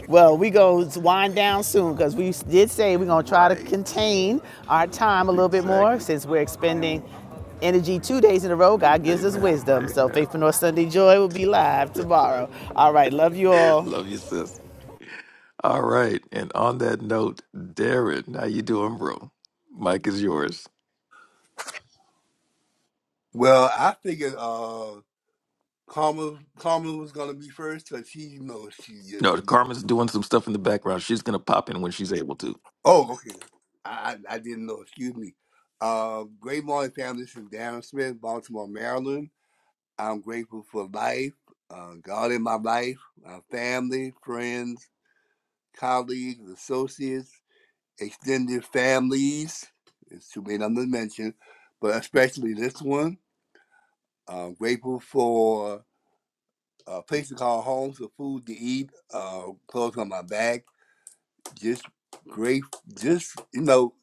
Well, we going to wind down soon because we did say we're going to try to
right.
contain our time a little bit more
Exactly.
since we're expending energy two days in a row. God gives us
Amen.
wisdom. So
Amen.
Faithpreneur Sunday Joy will be live tomorrow. All right. Love you all.
Love you, sis. All right. And on that note, Darren, how you doing, bro? Mike is yours.
Well, I figured uh, Karma Karma was gonna be first because she you know she just
No,
you know.
Carmen's doing some stuff in the background. She's gonna pop in when she's able
Oh, okay. I I, I didn't know. Excuse me. Uh, great morning, family. This is Darren Smith, Baltimore, Maryland. I'm grateful for life, uh, God in my life, my family, friends, colleagues, associates, extended families. It's too many of them to mention, but especially this one. I'm grateful for a place to call home, some food to eat, uh, clothes on my back. Just great. Just you know,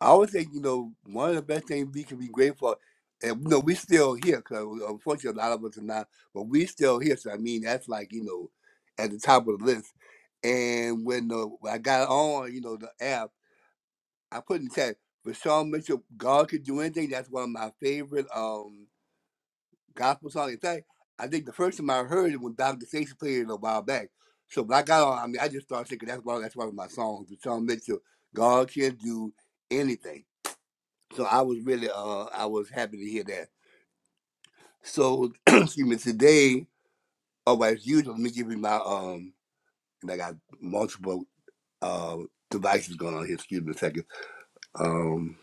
I always think you know one of the best things we can be grateful. And you know, we still here because unfortunately a lot of us are not, but we still here. So I mean, that's like you know, at the top of the list. And when, uh, when I got on, you know, the app, I put in the chat. But Sean Mitchell, God could do anything. That's one of my favorite. um. gospel song. In fact, I think the first time I heard it when Dr. Stacy played it a while back. So when I got on, I mean, I just started thinking that's why. that's one of my songs. The song Mitchell, God can do anything. So I was really uh I was happy to hear that. So excuse me, today, oh well, as usual, let me give you my um and I got multiple uh devices going on here, excuse me a second. Um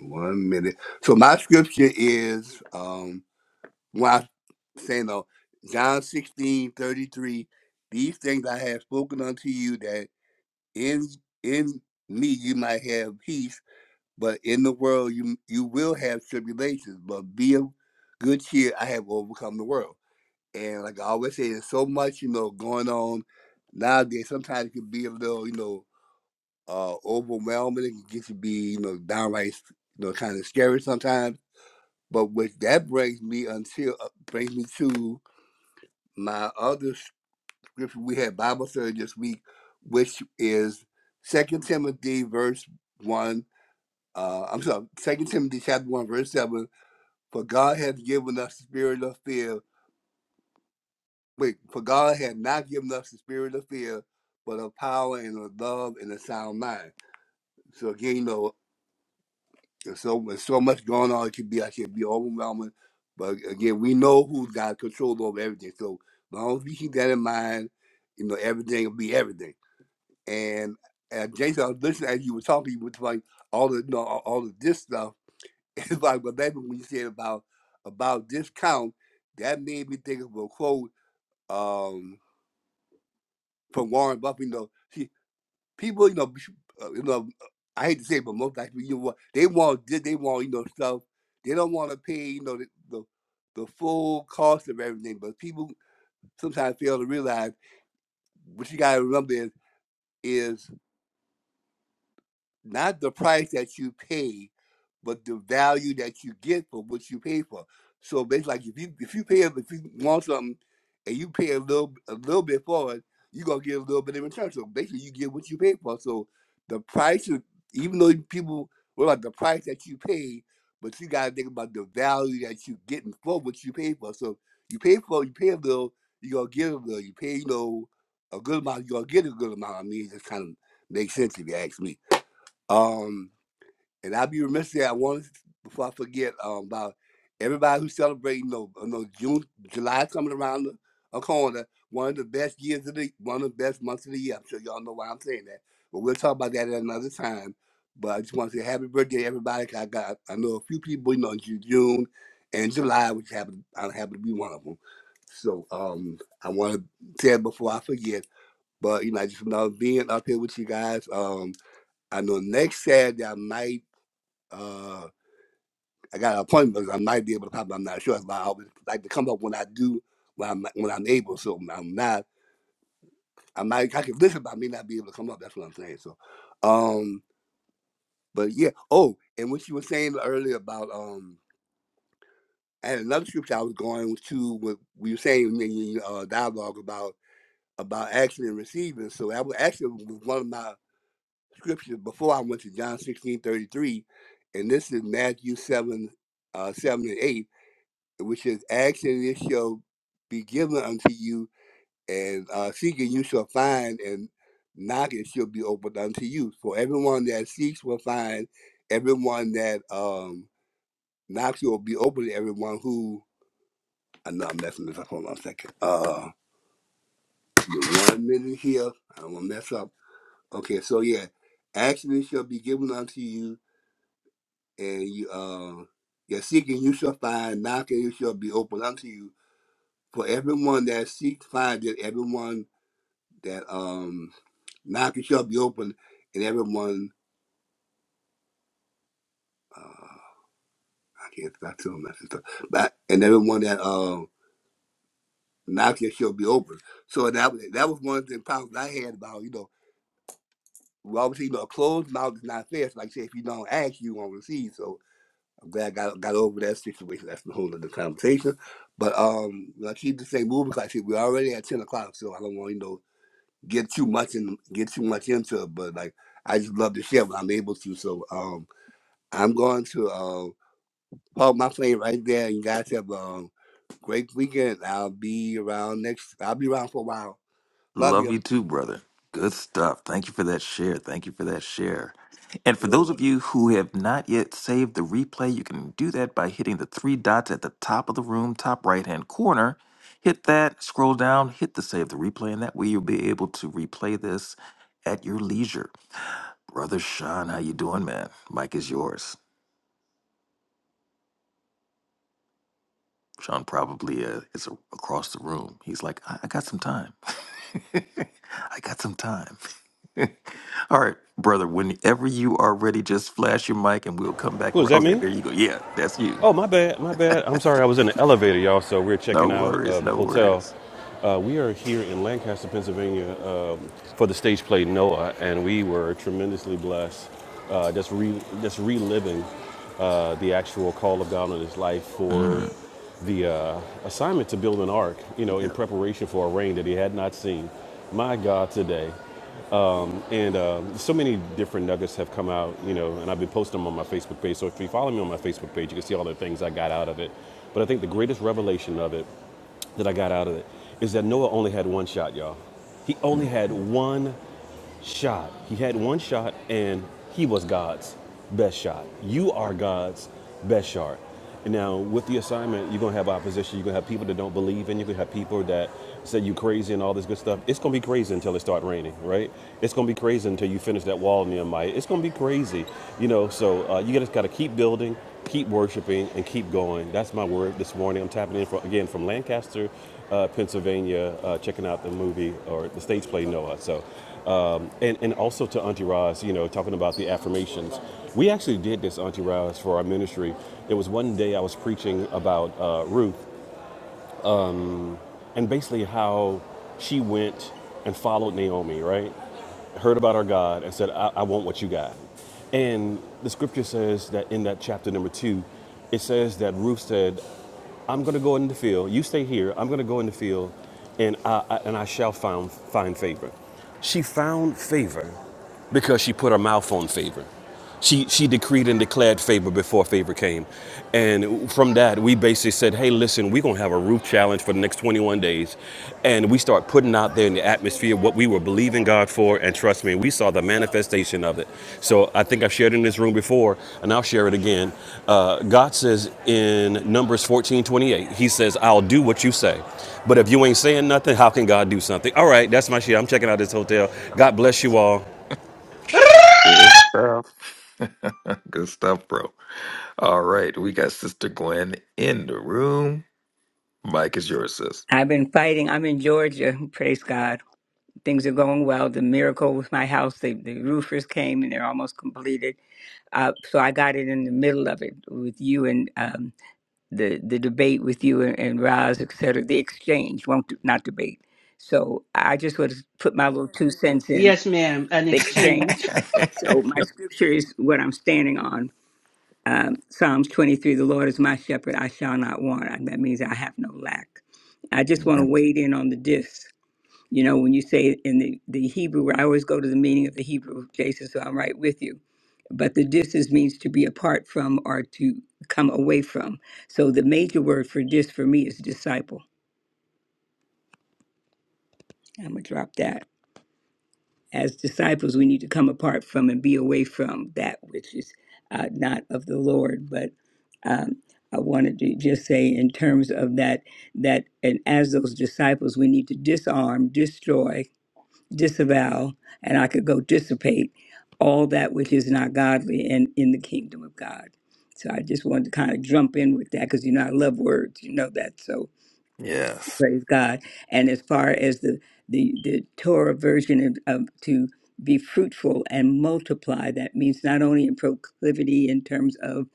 one minute. So my scripture is um. while saying though, John 16 33, these things I have spoken unto you that in in me you might have peace, but in the world you you will have tribulations, but be of good cheer, I have overcome the world. And like I always say, there's so much, you know, going on nowadays. Sometimes it can be a little, you know, uh overwhelming. It can get to be, you know, downright you know, kind of scary sometimes. But what that brings me until uh, brings me to my other scripture, we had Bible study this week, which is Second Timothy verse 1. Uh, I'm sorry, Second Timothy chapter 1, verse 7. For God hath given us the spirit of fear. Wait, for God hath not given us the spirit of fear, but of power and of love and a sound mind. So again, you know, there's so, there's so much going on, it could be, I should be overwhelming. But again, we know who's got control over everything. So as long as we keep that in mind, you know, everything will be everything. And and Jason, I was listening as you were talking You was like all the you know, all all of this stuff. It's like but then when you said about about discount, that made me think of a quote um, from Warren Buffett. You know, see, people, you know, uh, you know, I hate to say, it, but most like you know, what, they want di- they want you know stuff. They don't want to pay you know the, the the full cost of everything. But people sometimes fail to realize what you got to remember is is not the price that you pay, but the value that you get for what you pay for. So basically, like if you if you pay if you want something and you pay a little a little bit for it, you are gonna get a little bit in return. So basically, you get what you pay for. So the price, is- even though people what about the price that you pay, but you gotta think about the value that you getting for what you pay for. So you pay for you pay a little, you gonna get a little. You pay you know a good amount, you are gonna get a good amount. I mean, it just kind of makes sense if you ask me. Um, and I'll be remiss that I want to, before I forget um, about everybody who's celebrating. No, know, I know June, July coming around the, a corner. One of the best years of the, one of the best months of the year. I'm sure y'all know why I'm saying that, but we'll talk about that at another time. But I just want to say happy birthday, everybody. 'cause I got, I know a few people, you know, Ju- June and July, which happen, I happen to be one of them. So um, I want to say it before I forget. But you know, I just love being up here with you guys. Um, I know next Saturday I might. Uh, I got an appointment. I might be able to pop. I'm not sure. But I always like to come up when I do, when I'm when I'm able. So I'm not. I might. I can listen, but I may not be able to come up. That's what I'm saying. So, um, but yeah. Oh, and what you were saying earlier about um, and another scripture I was going to what we were saying in the uh, dialogue about about action and receiving. So that was actually was one of my scripture before I went to John 16:33, and this is Matthew 7 uh, 7 and 8, which is, Ask and it shall be given unto you, and uh, seek and you shall find, and knock it shall be opened unto you. For everyone that seeks will find, everyone that um, knocks will be opened, everyone who. I know I'm messing this up. Hold on a second. Uh, give me one minute here. I don't want to mess up. Okay, so yeah. Action shall be given unto you, and you uh you're seeking you shall find knocking you shall be open unto you for everyone that seeks findeth everyone that um knocking shall be open and everyone uh i can't stop telling that stuff but and everyone that uh knocking shall be open so that was that was one of the problems i had about you know well, obviously, you know, a closed mouth is not fair. So like I said, if you don't ask, you won't receive. So I'm glad I got, got over that situation. That's the whole other conversation. But um, I keep the same moving because I see we're already at ten o'clock, so I don't want you know get too much in get too much into it. But like I just love to share when I'm able to. So um, I'm going to uh, park my plane right there. You guys have a um, great weekend. I'll be around next. I'll be around for a while. Love
Love
you.
you too, brother. Good stuff. Thank you for that share. Thank you for that share. And for those
Sure.
of you who have not yet saved the replay, you can do that by hitting the three dots at the top of the room, top right hand corner. Hit that, scroll down, hit the save the replay, and that way you'll be able to replay this at your leisure. Brother Sean, how you doing, man? Mike is yours. Sean probably uh, is a- across the room. He's like, I, I got some time. I got some time. All right, brother, whenever you are ready, just flash your mic and we'll come back
Who is
around.
that?
Okay,
Me?
there you go. Yeah, that's you.
Oh, my bad. My bad. I'm sorry. I was in the elevator, y'all. So we're
No
checking out
worries,
uh, the
no
hotel.
worries.
Uh, we are here in Lancaster, Pennsylvania, um, for the stage play Noah, and we were tremendously blessed. Uh, just re, just reliving uh, the actual call of God on his life for
Mm,
the uh, assignment to build an ark, you know,
yeah.
in preparation for a rain that he had not seen. My God, today. And um, so many different nuggets have come out, you know, and I've been posting them on my Facebook page. So if you follow me on my Facebook page, you can see all the things I got out of it. But I think the greatest revelation of it that I got out of it is that Noah only had one shot, y'all. He
mm,
only had
mm.
one shot. He had one shot, and he was God's best shot. You are God's best shot. And now, with the assignment, you're gonna have opposition. You're gonna have people that don't believe in you. You're gonna have people that say you crazy and all this good stuff. It's gonna be crazy until it starts raining, right? It's gonna be crazy until you finish that wall, Nehemiah. It's gonna be crazy, you know. So uh, you just gotta keep building, keep worshiping, and keep going. That's my word this morning. I'm tapping in for again from Lancaster, uh, Pennsylvania, uh, checking out the movie or the stage play Noah. So um, and, and also to Auntie Roz, you know, talking about the affirmations. We actually did this, Auntie Roz, for our ministry. There was one day I was preaching about uh, Ruth and basically how she went and followed Naomi, right? Heard about our God and said, I, I want what you got. And the scripture says that in that chapter number two, it says that Ruth said, I'm going to go in the field. You stay here. I'm going to go in the field, and I, I and I shall find find favor. She found favor because she put her mouth on favor. She, she decreed and declared favor before favor came. And from that, we basically said, hey, listen, we're going to have a roof challenge for the next 21 days. And we start putting out there in the atmosphere what we were believing God for. And trust me, we saw the manifestation of it. So I think I've shared in this room before, and I'll share it again. Uh, God says in Numbers 14:28, He says, I'll do what you say. But if you ain't saying nothing, how can God do something? All right, that's my shit. I'm checking out this hotel. God bless you all.
Good stuff. Good stuff, bro. All right, we got Sister Gwen in the room. Mike is yours, sis.
I've been fighting. I'm in Georgia. Praise God. Things are going well. The miracle with my house, the, the roofers came and they're almost completed. Uh, so I got it in the middle of it with you and um, the the debate with you and, and Roz, et cetera. The exchange, won't not debate. So I just would put my little two cents in
Yes, ma'am. An
the
exchange.
exchange. So my scripture is what I'm standing on. Um, Psalms 23: The Lord is my shepherd; I shall not want. That means I have no lack. I just want to wade in on the diffs. You know, when you say in the, the Hebrew, I always go to the meaning of the Hebrew, Jason, so I'm right with you. But the distance means to be apart from or to come away from. So the major word for dis for me is disciple. I'm going to drop that. As disciples, we need to come apart from and be away from that which is uh, not of the Lord. But um, I wanted to just say, in terms of that, that and as those disciples, we need to disarm, destroy, disavow, and I could go dissipate all that which is not godly and in the kingdom of God. So I just wanted to kind of jump in with that because you know I love words, you know that. So
yes.
Praise God. And as far as the the, the Torah version of, of to be fruitful and multiply, that means not only in proclivity in terms of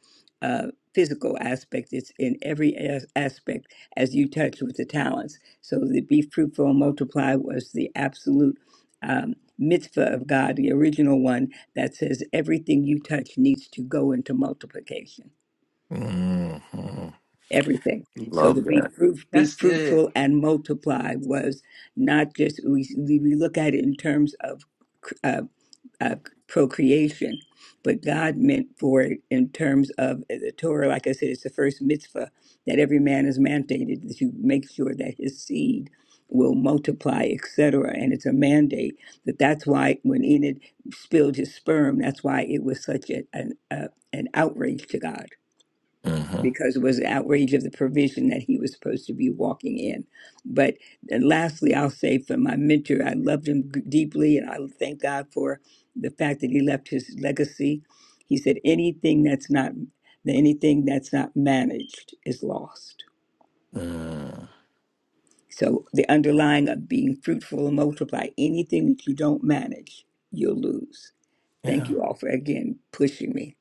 uh, physical aspect, it's in every as- aspect as you touch with the talents. So the be fruitful and multiply was the absolute um, mitzvah of God, the original one that says everything you touch needs to go into multiplication
Mm-hmm.
everything. So to
Love
be
that.
fruit, be
That's good.
fruitful and multiply was not just we, we look at it in terms of uh, uh, procreation, but God meant for it in terms of uh, the Torah. Like I said, it's the first mitzvah that every man is mandated that you make sure that his seed will multiply, etc. And it's a mandate that that's why when Enid spilled his sperm, that's why it was such a, an, a, an outrage to God
Mm-hmm.
because it was outrage of the provision that he was supposed to be walking in. But and lastly, I'll say for my mentor, I loved him g- deeply, and I thank God for the fact that he left his legacy. He said, "Anything that's not anything that's not managed is lost."
Mm.
So the underlying of being fruitful and multiply, anything that you don't manage, you'll lose. Thank
Yeah.
you all for again pushing me.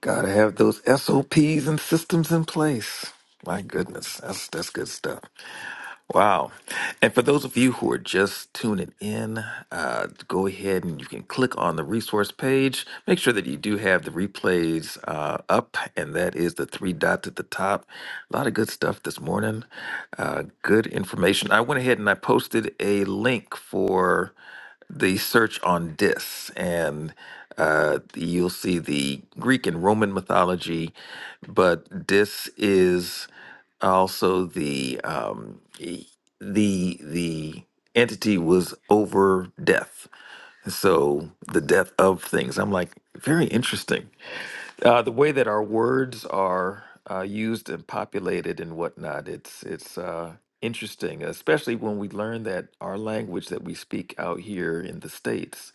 Gotta have those SOPs and systems in place. My goodness, that's that's good stuff. Wow. And for those of you who are just tuning in, uh, go ahead and you can click on the resource page. Make sure that you do have the replays uh, up, and that is the three dots at the top. A lot of good stuff this morning. Uh, good information. I went ahead and I posted a link for the search on dis and uh, you'll see the Greek and Roman mythology, but this is also the um, e- the the entity was over death, so the death of things. I'm like very interesting. Uh, the way that our words are uh, used and populated and whatnot, it's it's uh, interesting, especially when we learn that our language that we speak out here in the states,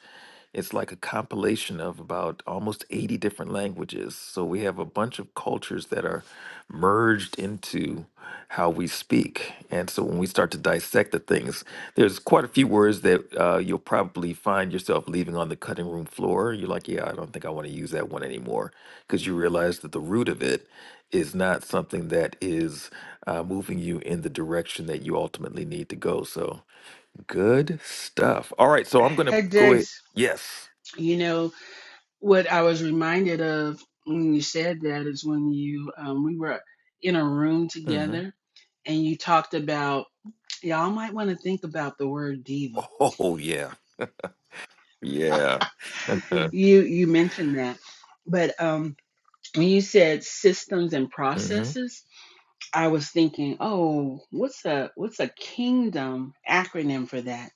it's like a compilation of about almost eighty different languages. So we have a bunch of cultures that are merged into to how we speak. And so when we start to dissect the things, there's quite a few words that uh, you'll probably find yourself leaving on the cutting room floor. You're like, yeah, I don't think I want to use that one anymore because you realize that the root of it is not something that is uh, moving you in the direction that you ultimately need to go. So good stuff. All right. So I'm going to
Hey,
go ahead.
Jace.
Yes.
You know. what I was reminded of when you said that is when you um, we were in a room
hmm
together and you talked about y'all might want to think about the word diva.
Oh, yeah. Yeah.
You you mentioned that, but um, when you said systems and
Mm-hmm.
processes, I was thinking, oh, what's a what's a kingdom acronym for that?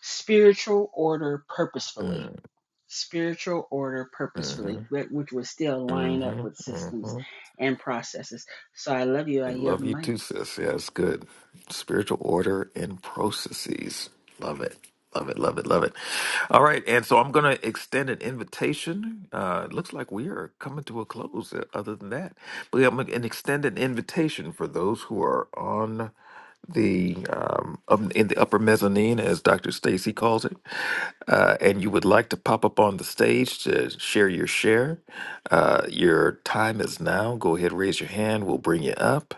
Spiritual order purposefully spiritual order
Mm-hmm.
purposefully, which would still line up
Mm-hmm.
with
Mm-hmm.
systems and processes. So I love you. I yield
Love
the
you
mic.
too, sis. Yeah, it's good spiritual order and processes. Love it. Love it, love it, love it. All right, and so I'm going to extend an invitation. Uh, it looks like we are coming to a close. uh, Other than that, but I'm going to extend an invitation for those who are on the um, um, in the upper mezzanine, as Dr. Stacy calls it, uh, and you would like to pop up on the stage to share your share. Uh, your time is now. Go ahead, raise your hand. We'll bring you up.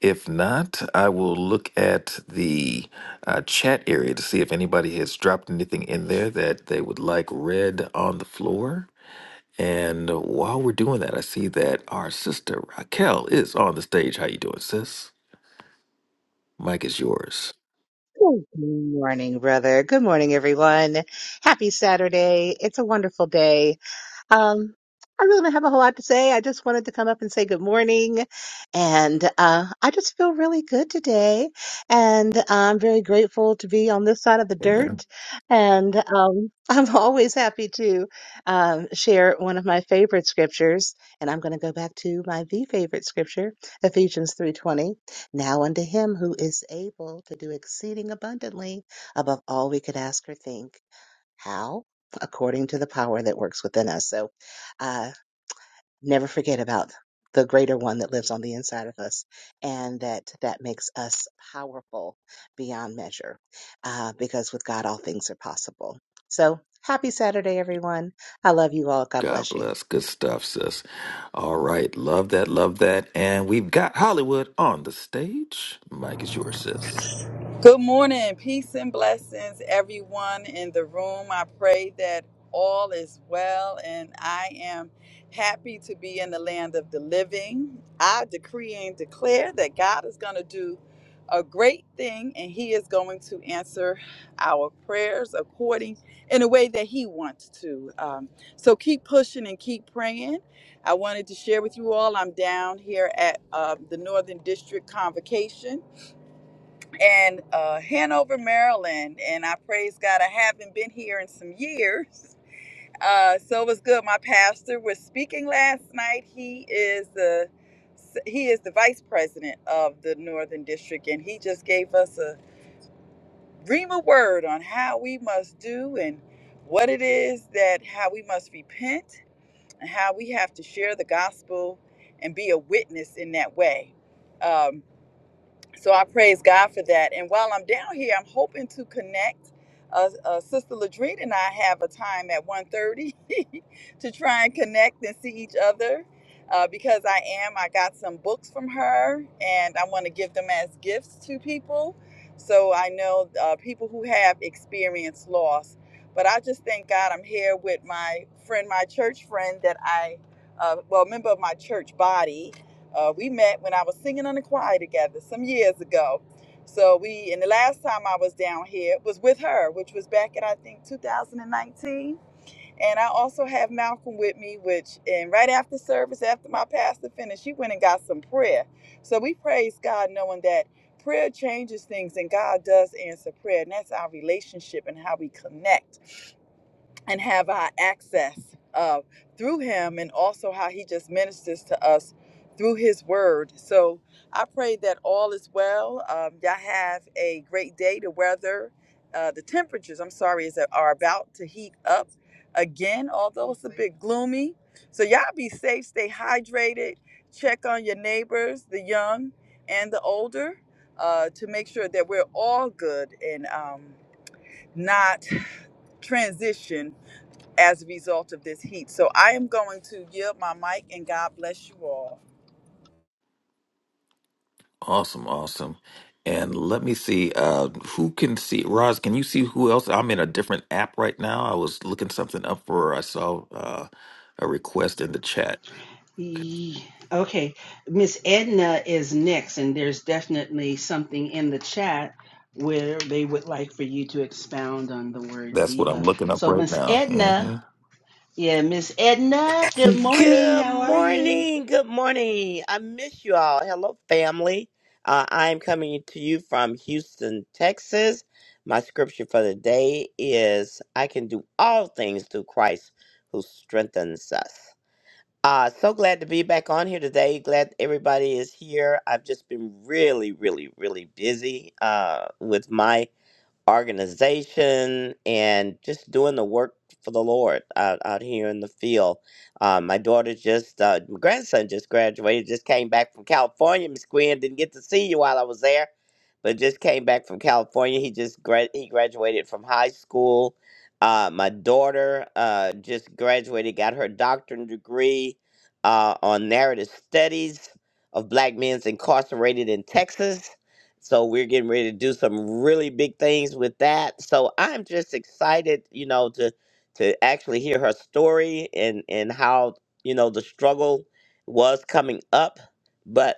If not, I will look at the uh, chat area to see if anybody has dropped anything in there that they would like read on the floor. And while we're doing that, I see that our sister Raquel is on the stage. How you doing, sis? Mike is yours.
Good morning, brother. Good morning, everyone. Happy Saturday. It's a wonderful day. Um, I really don't have a whole lot to say. I just wanted to come up and say good morning. And uh, I just feel really good today. And uh, I'm very grateful to be on this side of the dirt.
Amen.
And um, I'm always happy to um, share one of my favorite scriptures. And I'm going to go back to my the favorite scripture, Ephesians 3.20. Now unto him who is able to do exceeding abundantly above all we could ask or think how? According to the power that works within us. So uh, never forget about the greater one that lives on the inside of us and that that makes us powerful beyond measure uh, because with god all things are possible so happy saturday everyone i love you all god
God
bless you
bless. Good stuff, sis. All right. Love that. Love that. And we've got Hollywood on the stage. Mike is yours, sis.
Good morning. Peace and blessings, everyone in the room. I pray that all is well, and I am happy to be in the land of the living. I decree and declare that God is going to do a great thing, and He is going to answer our prayers according in a way that He wants to. Um, so keep pushing and keep praying. I wanted to share with you all I'm down here at uh, the Northern District Convocation and uh, Hanover, Maryland. And I praise God, I haven't been here in some years. Uh, so it was good. My pastor was speaking last night. He is the he is the vice president of the Northern District, and he just gave us a rema word on how we must do and what it is that how we must repent and how we have to share the gospel and be a witness in that way. Um, so I praise God for that. And while I'm down here, I'm hoping to connect. Uh, uh, Sister Ladrine and I have a time at one thirty to try and connect and see each other uh, because I am. I got some books from her and I want to give them as gifts to people. So I know uh, people who have experienced loss. But I just thank God I'm here with my friend, my church friend that I, uh, well, member of my church body uh, we met when I was singing in the choir together some years ago. So we, and the last time I was down here was with her, which was back in I think 2019. And I also have Malcolm with me, which and right after service, after my pastor finished, she went and got some prayer. So we praise God, knowing that prayer changes things, and God does answer prayer, and that's our relationship and how we connect and have our access uh, through him and also how he just ministers to us through his word. So I pray that all is well. Um, y'all have a great day. The weather, uh, the temperatures, I'm sorry, is are about to heat up again, although it's a bit gloomy. So y'all be safe, stay hydrated, check on your neighbors, the young and the older, uh, to make sure that we're all good and um, not transition as a result of this heat. So I am going to yield my mic and God bless you all.
Awesome, awesome. And let me see uh who can see Roz, can you see who else? I'm in a different app right now. I was looking something up for I saw uh a request in the chat. Okay,
Okay, Miss Edna is next, and there's definitely something in the chat where they would like for you to expound on the word
That's what
diva.
I'm looking up
So,
right
Miss
now.
Edna,
hmm
yeah, Miss Edna, good morning.
Good
How are you?
morning. Good morning. I miss you all. Hello, family. Uh, I'm coming to you from Houston, Texas. My scripture for the day is I can do all things through Christ who strengthens us. Uh, so glad to be back on here today. Glad everybody is here. I've just been really, really, really busy uh, with my organization and just doing the work for the Lord out, out here in the field. Um, my daughter just, uh, my grandson just graduated, just came back from California. Miss Gwen didn't get to see you while I was there, but just came back from California. He just gra- he graduated from high school. Uh, my daughter uh, just graduated, got her doctorate degree uh, on narrative studies of black men's incarcerated in Texas so we're getting ready to do some really big things with that. So I'm just excited, you know, to to actually hear her story and and how, you know, the struggle was coming up, but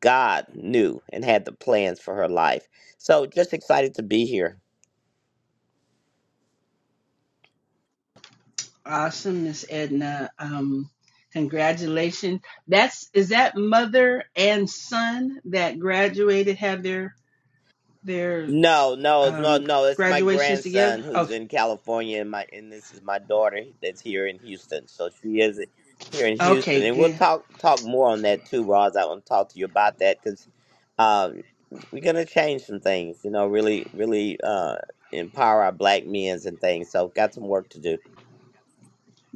God knew and had the plans for her life. So just excited to be here.
Awesome, Miss Edna. Um, congratulations. That's is that mother and son that graduated have their their
No, no, no,
um,
no. It's my
graduations together?
grandson
Oh,
who's in California, and my and this is my daughter that's here in Houston. So she is here in
okay,
Houston, and we'll
good.
talk talk more on that too, Roz. I want to talk to you about that because um, we're gonna change some things. You know, really, really uh, empower our black men and things. So got some work to do.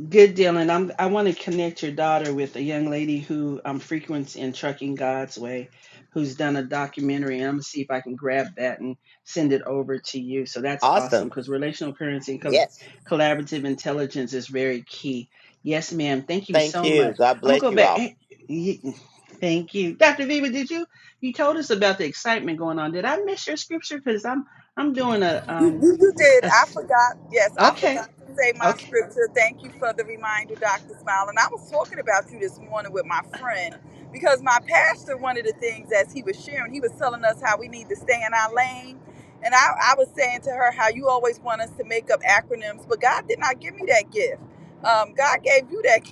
Good, Dylan. I'm, I want to connect your daughter with a young lady who um, frequents in Trucking God's Way, who's done a documentary. And I'm going to see if I can grab that and send it over to you. So that's awesome
Awesome.
because relational currency and colla-
Yes.
collaborative intelligence is very key. Yes, ma'am. Thank you
Thank
so
you.
much.
God
I'm going to
bless
go
you
back.
all.
Hey, ye- Thank you. Dr. Viva, did you? You told us about the excitement going on. Did I miss your scripture? Because I'm I'm doing a
You,
um
you- you did.
a
I
s-
forgot. Yes, I
okay.
forgot to say my
okay.
scripture. Thank you for the reminder, Dr. Smile. And I was talking about you this morning with my friend because my pastor, one of the things as he was sharing, he was telling us how we need to stay in our lane. And I, I was saying to her how you always want us to make up acronyms, but God did not give me that gift. Um, God gave you that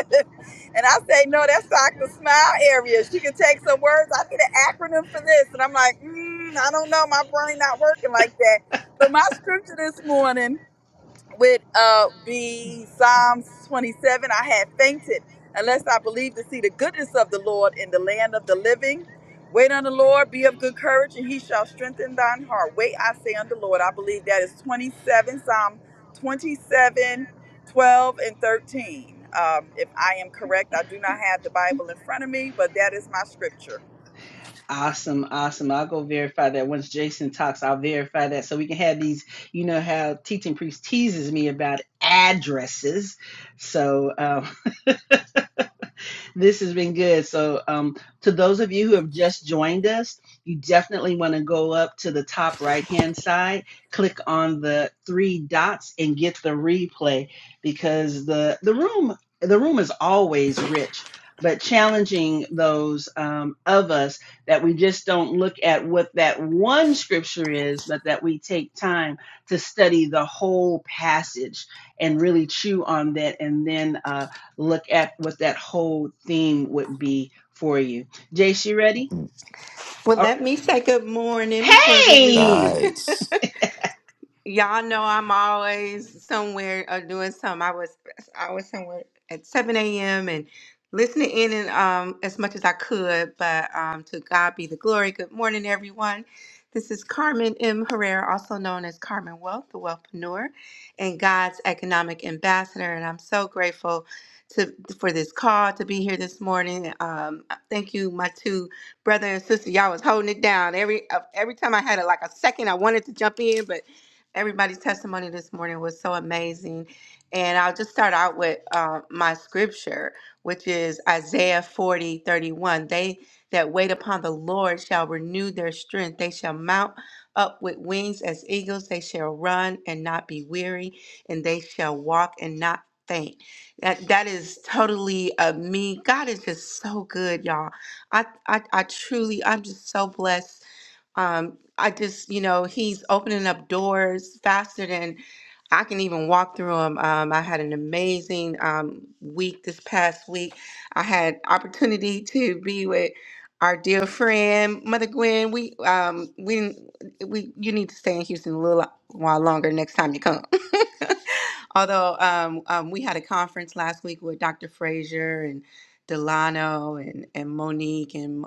gift. And I say, no, that's Dr. Smile area. She can take some words. I need an acronym for this. And I'm like, mm, I don't know. My brain not working like that. But my scripture this morning would uh, be Psalms 27. I had fainted unless I believed to see the goodness of the Lord in the land of the living. Wait on the Lord, be of good courage, and he shall strengthen thine heart. Wait, I say on the Lord. I believe that is 27, Psalm 27, 12, and 13. Um, if I am correct, I do not have the Bible in front of me, but that is my scripture.
Awesome, awesome. I'll go verify that once Jason talks. I'll verify that so we can have these. You know how teaching priest teases me about addresses, so um, this has been good. So, um, to those of you who have just joined us, you definitely want to go up to the top right hand side, click on the three dots, and get the replay because the the room the room is always rich. But challenging those um, of us that we just don't look at what that one scripture is, but that we take time to study the whole passage and really chew on that, and then uh, look at what that whole theme would be for you. Jace, you ready?
Well,
Or
let me say good morning before we leave.
hey,
Nice.
Y'all know I'm always somewhere or doing something. I was I was somewhere at 7 a.m. and listening in and um as much as I could, but um to God be the glory. Good morning, everyone. This is Carmen M. Herrera, also known as Carmen Wealth, the Wealthpreneur, and God's economic ambassador. And I'm so grateful to for this call to be here this morning. Um, thank you, my two brother and sister. Y'all was holding it down. Every uh, every time I had a, like a second, I wanted to jump in, but Everybody's testimony this morning was so amazing. And I'll just start out with uh, my scripture, which is Isaiah 40 31. They that wait upon the Lord shall renew their strength. They shall mount up with wings as eagles. They shall run and not be weary, and they shall walk and not faint. That that is totally uh, me. God is just so good, y'all. I, I I truly I'm just so blessed um, I just, you know, he's opening up doors faster than I can even walk through them. Um, I had an amazing um, week this past week. I had opportunity to be with our dear friend Mother Gwen. We um, we didn't- we you need to stay in Houston a little while longer next time you come. Although um, um, we had a conference last week with Dr. Frazier and Delano and and Monique and.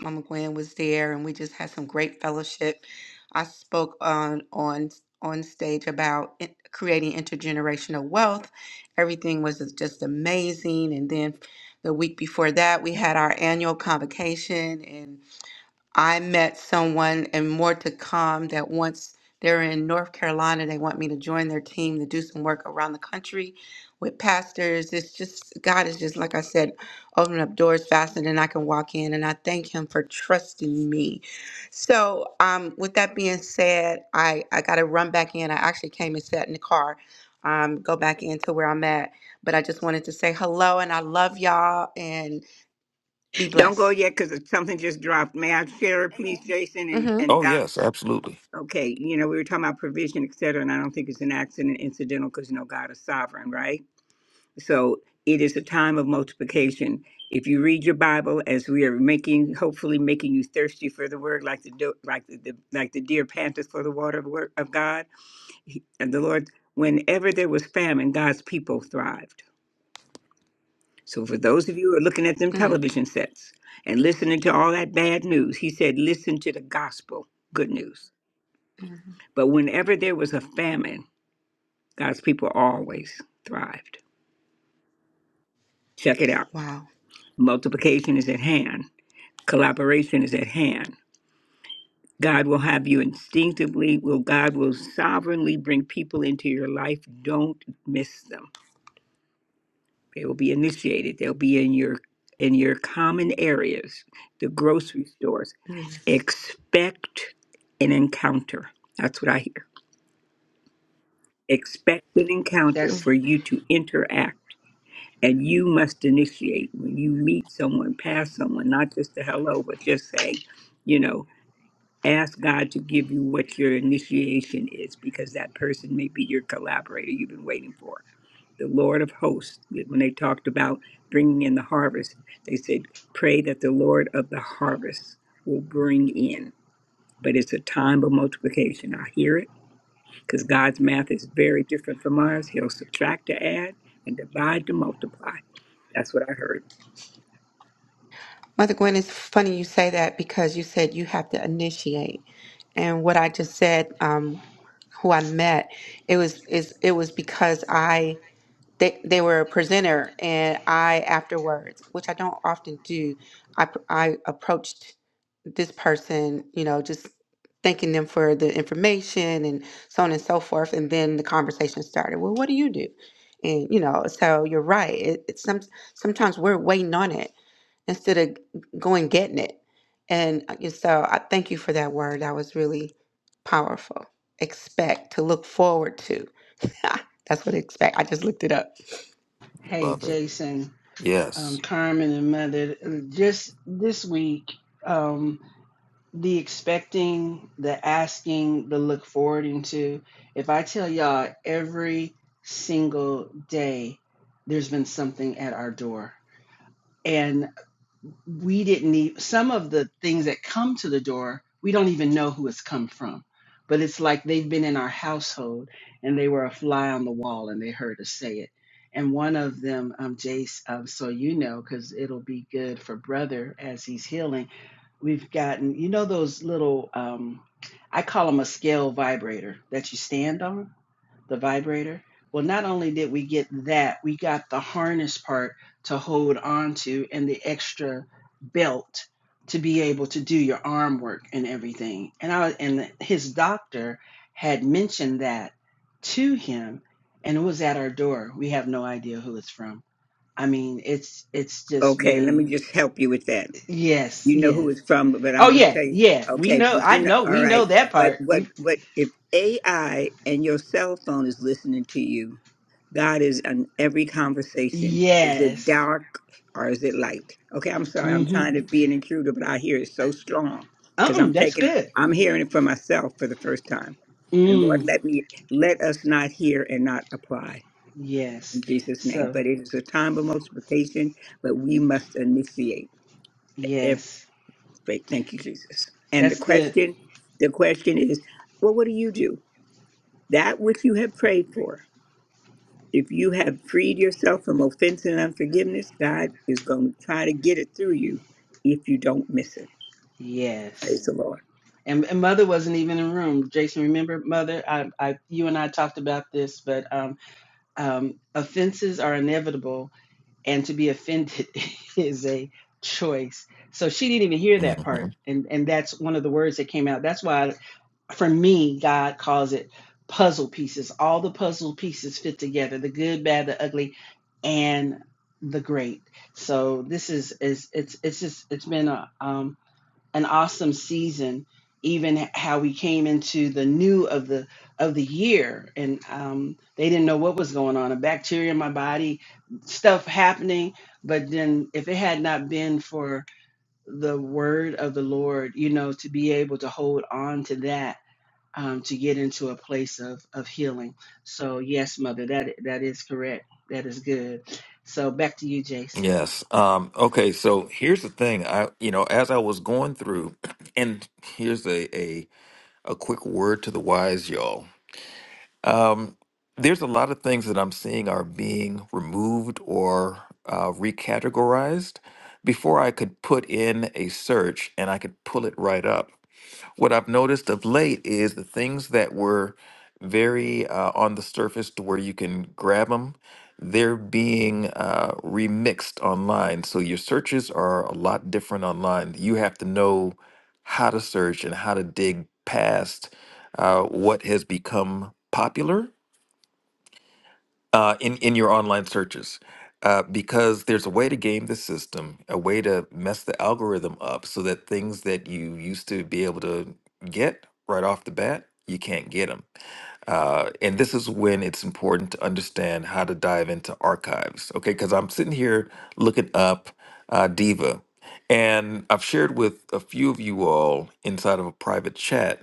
Mama Gwen was there, and we just had some great fellowship. I spoke on on on stage about in- creating intergenerational wealth. Everything was just amazing. And then the week before that, we had our annual convocation, I met someone and more to come that once they're in North Carolina, they want me to join their team to do some work around the country with pastors. It's just, God is just, like I said, opening up doors faster than I can walk in. And I thank Him for trusting me. So, um, with that being said, I, I got to run back in. I actually came and sat in the car, um, go back into where I'm at. But I just wanted to say hello and I love y'all and be
Don't go
blessed.
yet because something just dropped. May I share it, please, Jason and,
hmm
and
Oh
Doc?
yes, absolutely.
Okay, you know, we were talking about provision, et cetera, and I don't think it's an accident, incidental, because you know God is sovereign, right? So it is a time of multiplication. If you read your Bible, as we are making, hopefully making you thirsty for the Word, like the do- like the, the like the deer panteth for the water of, word, of God, he, and the Lord, whenever there was famine, God's people thrived. So for those of you who are looking at them television sets and listening to all that bad news, He said, listen to the gospel, good news.
Mm-hmm.
But whenever there was a famine. God's people always thrived. Check it out.
Wow.
Multiplication is at hand. Collaboration is at hand. God will have you instinctively, will God will sovereignly bring people into your life. Don't miss them. They will be initiated. They'll be in your in your common areas, the grocery stores.
Mhm.
Expect an encounter. That's what I hear. Expect an encounter
that's
for you to interact And you must initiate when you meet someone, pass someone, not just a hello, but just saying, you know, ask God to give you what your initiation is because that person may be your collaborator you've been waiting for. The Lord of hosts, when they talked about bringing in the harvest, they said, pray that the Lord of the harvest will bring in. But it's a time of multiplication. I hear it because God's math is very different from ours. He'll subtract to add and divide to multiply. That's what I heard.
Mother Gwen, it's funny you say that because you said you have to initiate, and what I just said, um, who I met, it was is it was because I they they were a presenter, and I afterwards, which I don't often do, I pr- I approached this person, you know, just thanking them for the information and so on and so forth, and then the conversation started. Well, what do you do? And you know, so you're right. It, it's some sometimes we're waiting on it instead of going getting it. And uh, so I thank you for that word. That was really powerful. Expect to look forward to. That's what expect. I just looked it up.
hey
Love it.
Jason, um,
Yes.
Carmen, and Mother. uh, Just this week, um, the expecting, the asking, the look forward into. If I tell y'all every single day, there's been something at our door and. we didn't even some of the things that come to the door we don't even know who it's come from but it's like they've been in our household and they were a fly on the wall and they heard us say it and one of them um jace um, so you know because it'll be good for brother as he's healing we've gotten you know those little um i call them a scale vibrator that you stand on the vibrator. Well, not only did we get that, we got the harness part to hold on to and the extra belt to be able to do your arm work and everything. And I and his doctor had mentioned that to him and it was at our door. We have no idea who it's from. I mean, it's it's just
Okay, let me
been
just help you with that.
yes,
You know who
yes.
it's from, but
Oh
I'm going to
yeah,
tell you.
yeah. We
Okay,
know
but
I
you know,
know
all
we know
right.
that
But
part.
what,
We
what if AI and your cell phone is listening to you? God is in every conversation. Is it
yes.
dark or is it light? Okay, I'm sorry. I'm
Mhm.
trying to be an intruder, but I hear it so strong because
Uh-uh,
I'm
that's
taking it.
good.
I'm hearing it for myself for the first time. And Lord,
Mm.
let me let us not hear and not apply
Yes.
in Jesus' name.
So,
But it is a time of multiplication, but we must initiate every
yes.
faith. Thank you, Jesus. And the
That's good.
question, the question is, well, what do you do? That which you have prayed for. If you have freed yourself from offense and unforgiveness, God is going to try to get it through you if you don't miss it.
Yes.
Praise the Lord.
And, and mother wasn't even in the room. Jason, remember mother? I, I, you and I talked about this, but um, um, offenses are inevitable, and to be offended is a choice. So she didn't even hear
hmm
that part, and and that's one of the words that came out. That's why for me, God calls it puzzle pieces. All the puzzle pieces fit together the good, bad, the ugly, and the great. So this is is it's it's just it's been a um an awesome season. Even how we came into the new of the of the year, and um, they didn't know what was going on—a bacteria in my body, stuff happening. But then, if it had not been for the word of the Lord, you know, to be able to hold on to that um, to get into a place of, of healing. So yes, mother, that that is correct. That is good. So back to you, Jace.
Yes. Um, okay, so here's the thing. I you know, as I was going through, and here's a, a a quick word to the wise, y'all. Um, there's a lot of things that I'm seeing are being removed or uh, recategorized before I could put in a search and I could pull it right up. What I've noticed of late is the things that were very uh, on the surface to where you can grab them, they're being uh, remixed online. So your searches are a lot different online. You have to know how to search and how to dig past uh, what has become popular uh, in in your online searches uh, because there's a way to game the system, a way to mess the algorithm up so that things that you used to be able to get right off the bat, you can't get them. Uh, and this is when it's important to understand how to dive into archives, okay? Because I'm sitting here looking up uh, Diva, and I've shared with a few of you all inside of a private chat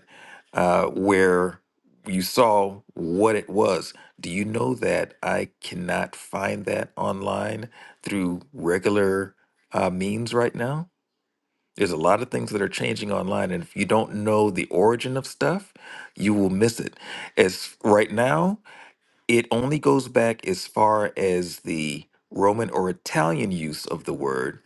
uh, where you saw what it was. Do you know that I cannot find that online through regular uh, means right now? There's a lot of things that are changing online, and if you don't know the origin of stuff, you will miss it. As right now, it only goes back as far as the Roman or Italian use of the word.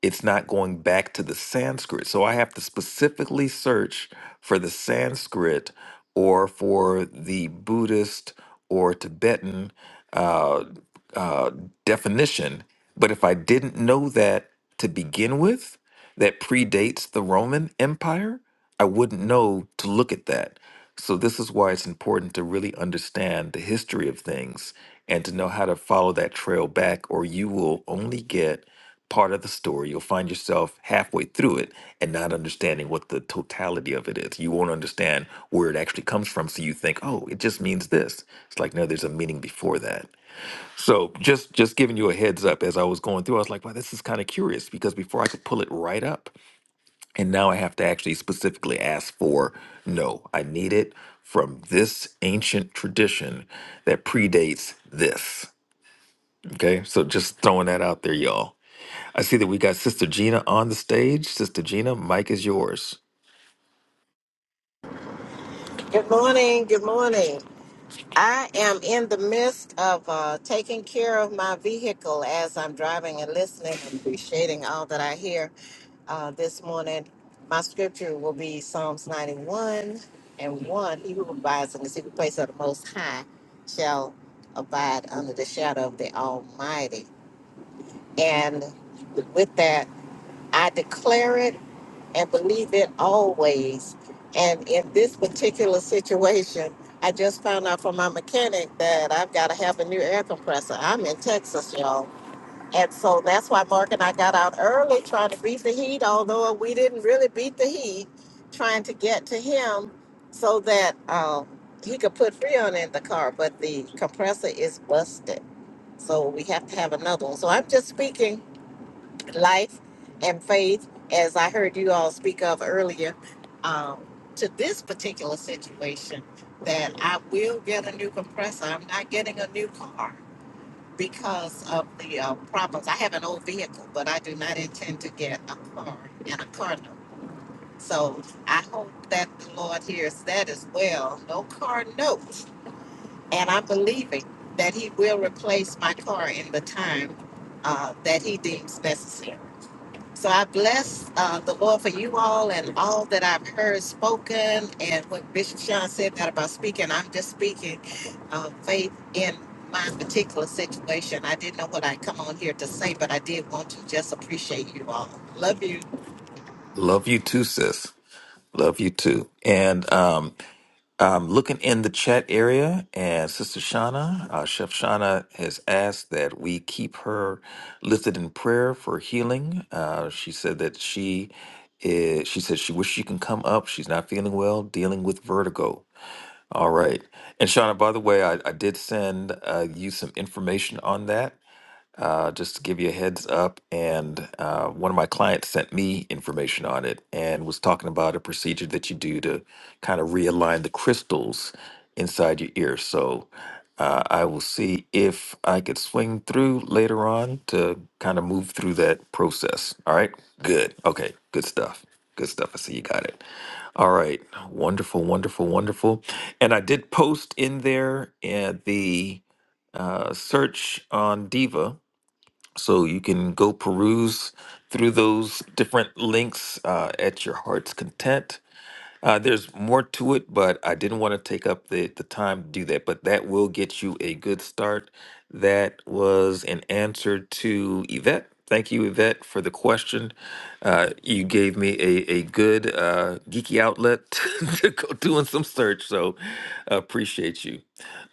It's not going back to the Sanskrit. So I have to specifically search for the Sanskrit or for the Buddhist or Tibetan uh, uh, definition. But if I didn't know that to begin with, that predates the Roman Empire, I wouldn't know to look at that. So, this is why it's important to really understand the history of things and to know how to follow that trail back, or you will only get part of the story. You'll find yourself halfway through it and not understanding what the totality of it is. You won't understand where it actually comes from. So, you think, oh, it just means this. It's like, no, there's a meaning before that. So just just giving you a heads up as I was going through, I was like, wow, this is kind of curious because before I could pull it right up, and now I have to actually specifically ask for no, I need it from this ancient tradition that predates this. Okay, so just throwing that out there, y'all. I see that we got Sister Gina on the stage. Sister Gina, mic is yours.
Good morning. Good morning. I am in the midst of uh, taking care of my vehicle as I'm driving and listening and appreciating all that I hear uh, this morning. My scripture will be Psalms 91 and 1. He who abides in the secret place of the Most High shall abide under the shadow of the Almighty. And with that, I declare it and believe it always. And in this particular situation, I just found out from my mechanic that I've got to have a new air compressor. I'm in Texas, y'all. And so that's why Mark and I got out early trying to beat the heat, although we didn't really beat the heat, trying to get to him so that um, he could put Freon in the car. But the compressor is busted. So we have to have another one. So I'm just speaking life and faith, as I heard you all speak of earlier, um, to this particular situation, that I will get a new compressor. I'm not getting a new car because of the uh, problems. I have an old vehicle, but I do not intend to get a car and a car note. So I hope that the Lord hears that as well. No car note. And I'm believing that He will replace my car in the time uh, that He deems necessary. So I bless uh, the Lord for you all and all that I've heard spoken and what Bishop Sean said that about speaking. I'm just speaking uh, faith in my particular situation. I didn't know what I'd come on here to say, but I did want to just appreciate you all. Love you.
Love you too, sis. Love you too. And um, I'm looking in the chat area, and Sister Shauna, uh, Chef Shauna, has asked that we keep her lifted in prayer for healing. Uh, she said that she is, she said she wishes she can come up. She's not feeling well, dealing with vertigo. All right. And Shauna, by the way, I, I did send uh, you some information on that uh, just to give you a heads up. And uh, one of my clients sent me information on it and was talking about a procedure that you do to kind of realign the crystals inside your ear. So uh, I will see if I could swing through later on to kind of move through that process. All right. Good. Okay. Good stuff. Good stuff. I see you got it. All right. Wonderful, wonderful, wonderful. And I did post in there uh, the uh, search on Diva so you can go peruse through those different links uh, at your heart's content. Uh, there's more to it, but I didn't want to take up the, the time to do that. But that will get you a good start. That was an answer to Yvette. Thank you, Yvette, for the question. Uh, you gave me a, a good uh, geeky outlet to go doing some search, so appreciate you.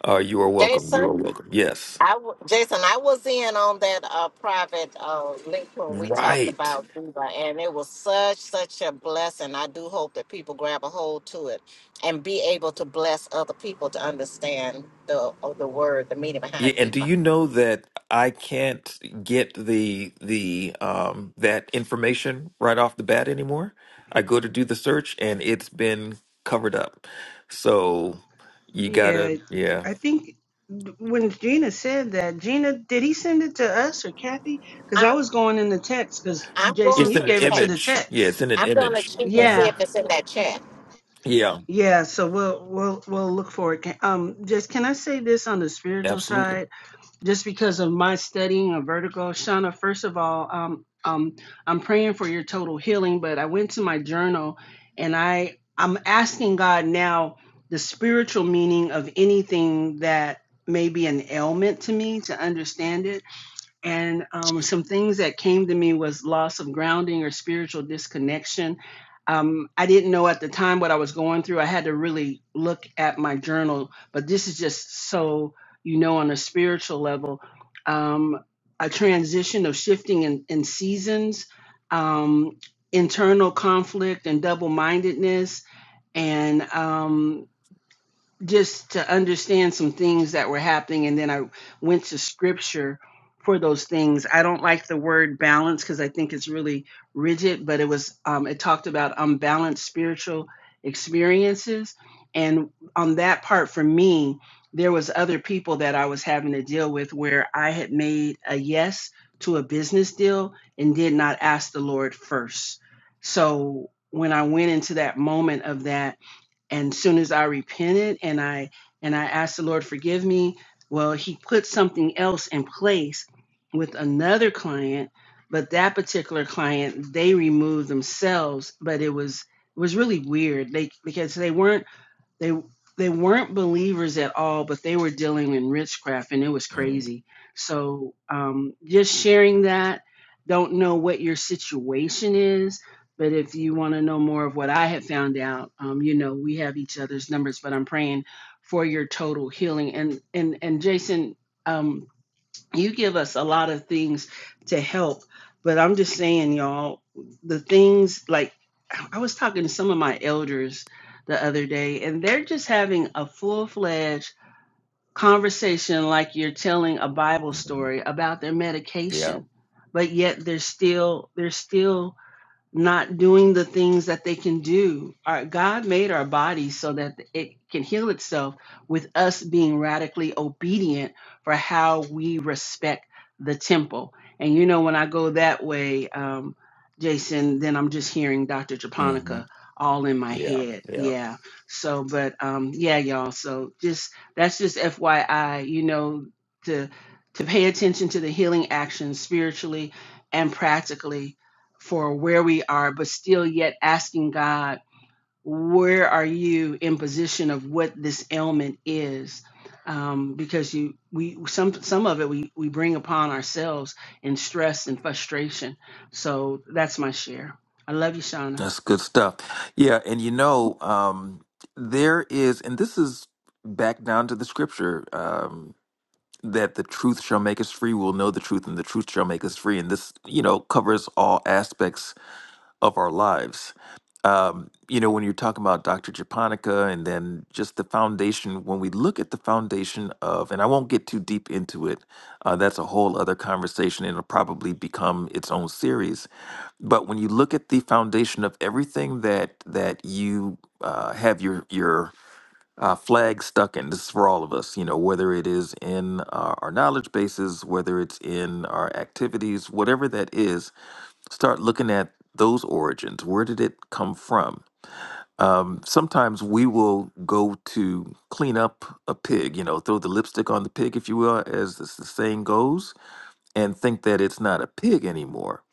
Uh, you are welcome. You are
Jason?
welcome. Yes.
I w- Jason, I was in on that uh, private uh, link when we talked
Right.
about Viva, and it was such such a blessing. I do hope that people grab a hold to it and be able to bless other people to understand the of the word, the meaning
Yeah,
behind
and do
Viva.
you know that I can't get the the um that information right off the bat anymore? I go to do the search and it's been covered up. So you
Yeah,
gotta, yeah.
I think when Gina said that, Gina, did he send it to us or Kathy? Because I
I'm
was going in the text. Because
I'm
Jason,
going
It's
you
in
to
an
gave it to
check.
the
image. Yeah,
text.
it's in an
I'm going
image.
to check and
hmm
see
Yeah,
if it's in that chat.
Yeah,
yeah. So we'll we'll we'll look for it. Ca- Um, just can I say this on the spiritual side?
absolutely.
just because of my studying of vertigo, Shauna, first of all, um, um, I'm praying for your total healing, but I went to my journal and I, I'm asking God now the spiritual meaning of anything that may be an ailment to me to understand it and um, some things that came to me was loss of grounding or spiritual disconnection um, i didn't know at the time what i was going through i had to really look at my journal but this is just so you know on a spiritual level um, a transition of shifting in, in seasons um, internal conflict and double-mindedness and um, just to understand some things that were happening and then i went to scripture for those things i don't like the word balance because i think it's really rigid but it was um, it talked about unbalanced spiritual experiences and on that part for me there was other people that i was having to deal with where i had made a yes to a business deal and did not ask the lord first so when i went into that moment of that and soon as i repented and i and i asked the lord forgive me well he put something else in place with another client but that particular client they removed themselves but it was it was really weird they because they weren't they they weren't believers at all, but they were dealing in witchcraft, and it was
Mm,
crazy. So um, just sharing that. Don't know what your situation is, but if you want to know more of what I have found out, um, you know we have each other's numbers. But I'm praying for your total healing. And and and Jason, um, you give us a lot of things to help but i'm just saying y'all the things like i was talking to some of my elders the other day and they're just having a full-fledged conversation like you're telling a bible story about their
yeah.
medication but yet they're still they're still not doing the things that they can do. Our, God made our body so that it can heal itself with us being radically obedient for how we respect the temple. And you know, when I go that way, um, Jason, then I'm just hearing Dr.
hmm
Japonica all in my
Yeah.
head.
Yeah.
Yeah. So, but um, yeah, y'all. So just that's just FYI, you know, to to pay attention to the healing actions spiritually and practically for where we are, but still yet asking God, where are you in position of what this ailment is? Um, because you, we some some of it we we bring upon ourselves in stress and frustration. So that's my share. I love you, Shauna.
That's good stuff. Yeah, and you know, um, there is, and this is back down to the scripture. um, that the truth shall make us free. We'll know the truth, and the truth shall make us free. And this, you know, covers all aspects of our lives. Um, you know, when you're talking about Dr. Japonica and then just the foundation, when we look at the foundation of, and I won't get too deep into it, uh, that's a whole other conversation and it'll probably become its own series. But when you look at the foundation of everything that that you uh, have your your uh, flag stuck in. This is for all of us, you know, whether it is in uh, our knowledge bases, whether it's in our activities, whatever that is, start looking at those origins. Where did it come from? Um, sometimes we will go to clean up a pig, you know, throw the lipstick on the pig, if you will, as this, the saying goes and think that it's not a pig anymore.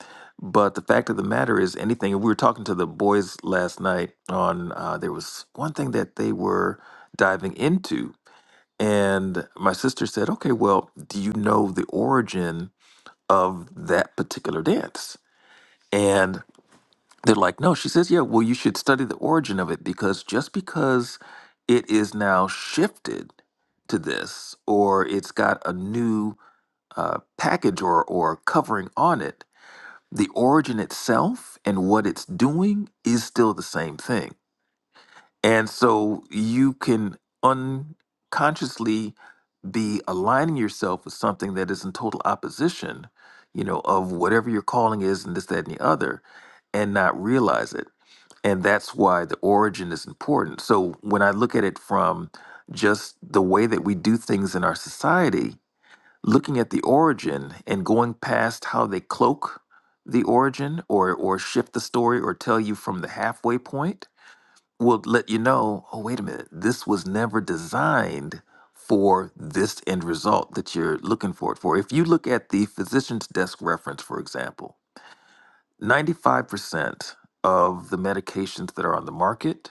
But the fact of the matter is, anything. We were talking to the boys last night on. Uh, there was one thing that they were diving into, and my sister said, "Okay, well, do you know the origin of that particular dance?" And they're like, "No." She says, "Yeah, well, you should study the origin of it because just because it is now shifted to this, or it's got a new uh, package or or covering on it." the origin itself and what it's doing is still the same thing. And so you can unconsciously be aligning yourself with something that is in total opposition, you know, of whatever your calling is and this, that, and the other, and not realize it. And that's why the origin is important. So when I look at it from just the way that we do things in our society, looking at the origin and going past how they cloak the origin or or shift the story or tell you from the halfway point will let you know oh wait a minute this was never designed for this end result that you're looking for it for if you look at the physician's desk reference for example 95% of the medications that are on the market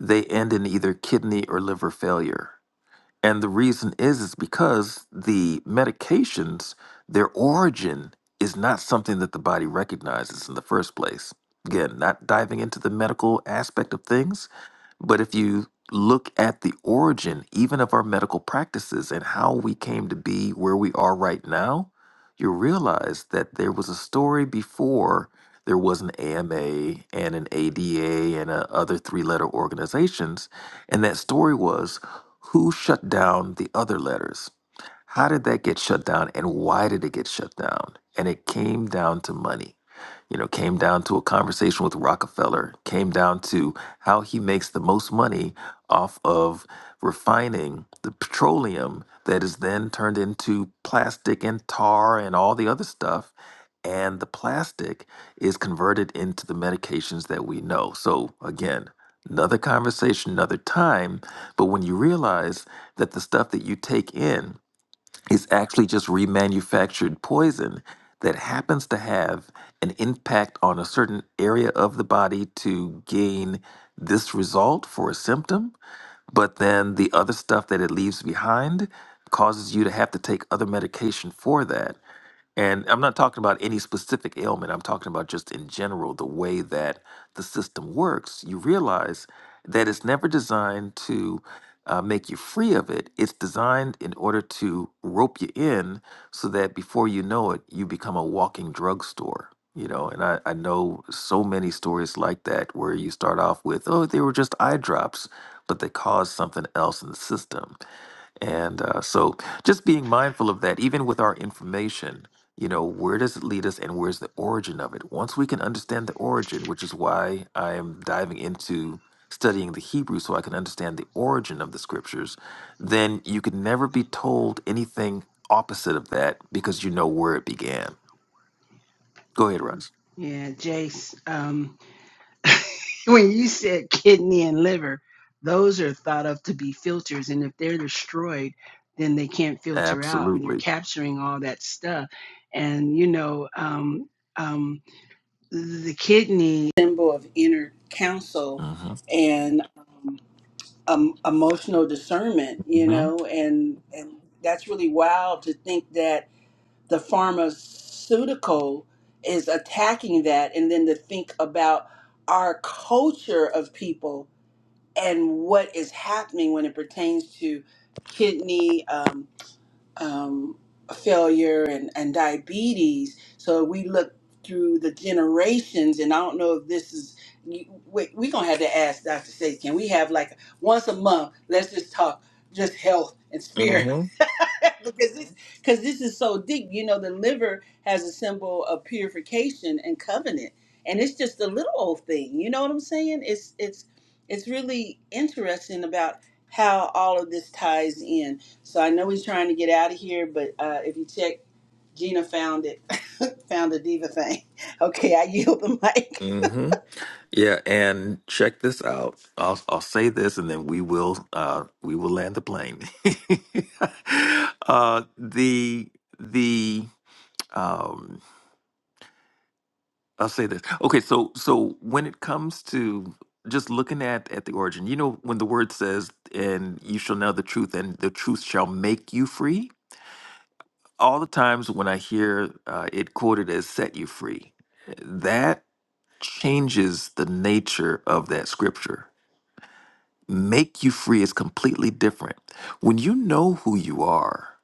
they end in either kidney or liver failure and the reason is is because the medications, their origin is not something that the body recognizes in the first place. Again, not diving into the medical aspect of things, but if you look at the origin even of our medical practices and how we came to be where we are right now, you realize that there was a story before there was an AMA and an ADA and a and uh, other three letter organizations. And that story was who shut down the other letters? How did that get shut down and why did it get shut down? And it came down to money. You know, came down to a conversation with Rockefeller, came down to how he makes the most money off of refining the petroleum that is then turned into plastic and tar and all the other stuff and the plastic is converted into the medications that we know. So, again, another conversation, another time. But when you realize that the stuff that you take in is actually just remanufactured poison that happens to have an impact on a certain area of the body to gain this result for a symptom but then the other stuff that it leaves behind causes you to have to take other medication for that. And I'm not talking about any specific ailment. I'm talking about just in general, the way that the system works. You realize that it's never designed to uh, make you free of it. It's designed in order to rope you in so that before you know it, you become a walking drugstore. You know, and I, I know so many stories like that where you start off with, oh, they were just eye drops but they cause something else in the system. And uh, so just being mindful of that, even with our information, you know, where does it lead us and where's the origin of it? Once we can understand the origin, which is why I am diving into studying the Hebrew so I can understand the origin of the scriptures, then you could never be told anything opposite of that because you know where it began. Go ahead, Russ.
Yeah, Jace. Um, when you said kidney and liver, those are thought of to be filters. And if they're destroyed, then they can't filter out and they're
Absolutely.
capturing all that stuff. And, you know, um, um, the kidney symbol of inner counsel
Mm-hmm.
and um, um, emotional discernment, you know, and, and that's really wild to think that the pharmaceutical is attacking that and then to think about our culture of people and what is happening when it pertains to kidney um, um, failure and, and diabetes so we look through the generations and i don't know if this is you- wait we're gonna have to ask dr Sage. can we have like once a month let's just talk just health and
Mm-hmm.
because this because this is so deep. You know, the liver has a symbol of purification and covenant, and it's just a little old thing. You know what I'm saying? It's it's it's really interesting about how all of this ties in. So I know we're trying to get out of here, but uh, if you check, Gina found it, found the diva thing. Okay, I yield the mic.
Mm-hmm. Yeah, and check this out. I'll I'll say this, and then we will uh we will land the plane. uh, the the um I'll say this. Okay, so so when it comes to just looking at at the origin, you know, when the word says, "And you shall know the truth, and the truth shall make you free." All the times when I hear uh, it quoted as "set you free," that changes the nature of that scripture make you free is completely different. When you know who you are,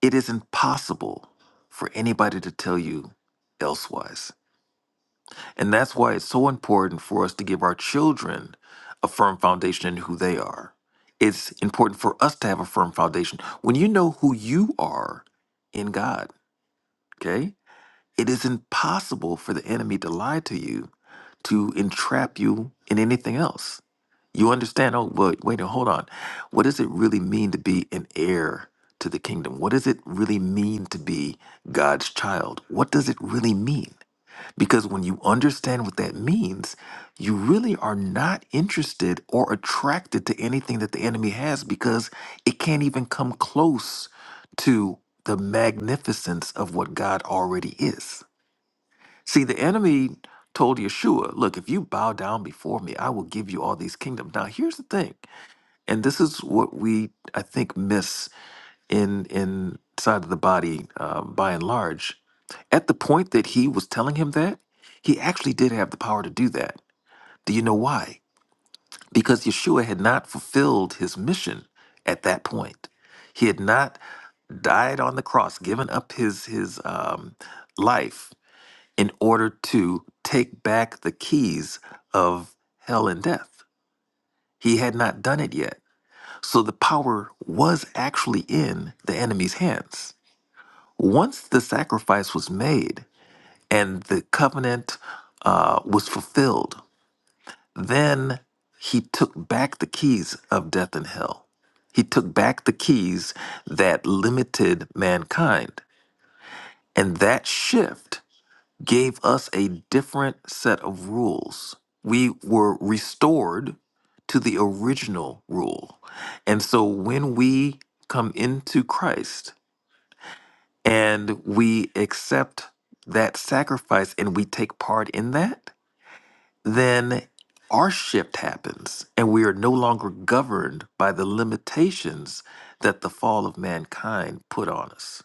it is impossible for anybody to tell you elsewise. And that's why it's so important for us to give our children a firm foundation in who they are. It's important for us to have a firm foundation. When you know who you are in God, okay, it is impossible for the enemy to lie to you, to entrap you in anything else. You understand? Oh, wait, wait, hold on. What does it really mean to be an heir to the kingdom? What does it really mean to be God's child? What does it really mean? Because when you understand what that means, you really are not interested or attracted to anything that the enemy has because it can't even come close to the magnificence of what God already is. See, the enemy told Yeshua, Look, if you bow down before me, I will give you all these kingdoms. Now, here's the thing and this is what we i think miss in inside of the body uh, by and large at the point that he was telling him that he actually did have the power to do that do you know why because yeshua had not fulfilled his mission at that point he had not died on the cross given up his his um, life in order to take back the keys of hell and death he had not done it yet so the power was actually in the enemy's hands. Once the sacrifice was made and the covenant uh, was fulfilled, then he took back the keys of death and hell. He took back the keys that limited mankind. And that shift gave us a different set of rules. We were restored to the original rule. And so when we come into Christ and we accept that sacrifice and we take part in that, then our shift happens and we are no longer governed by the limitations that the fall of mankind put on us.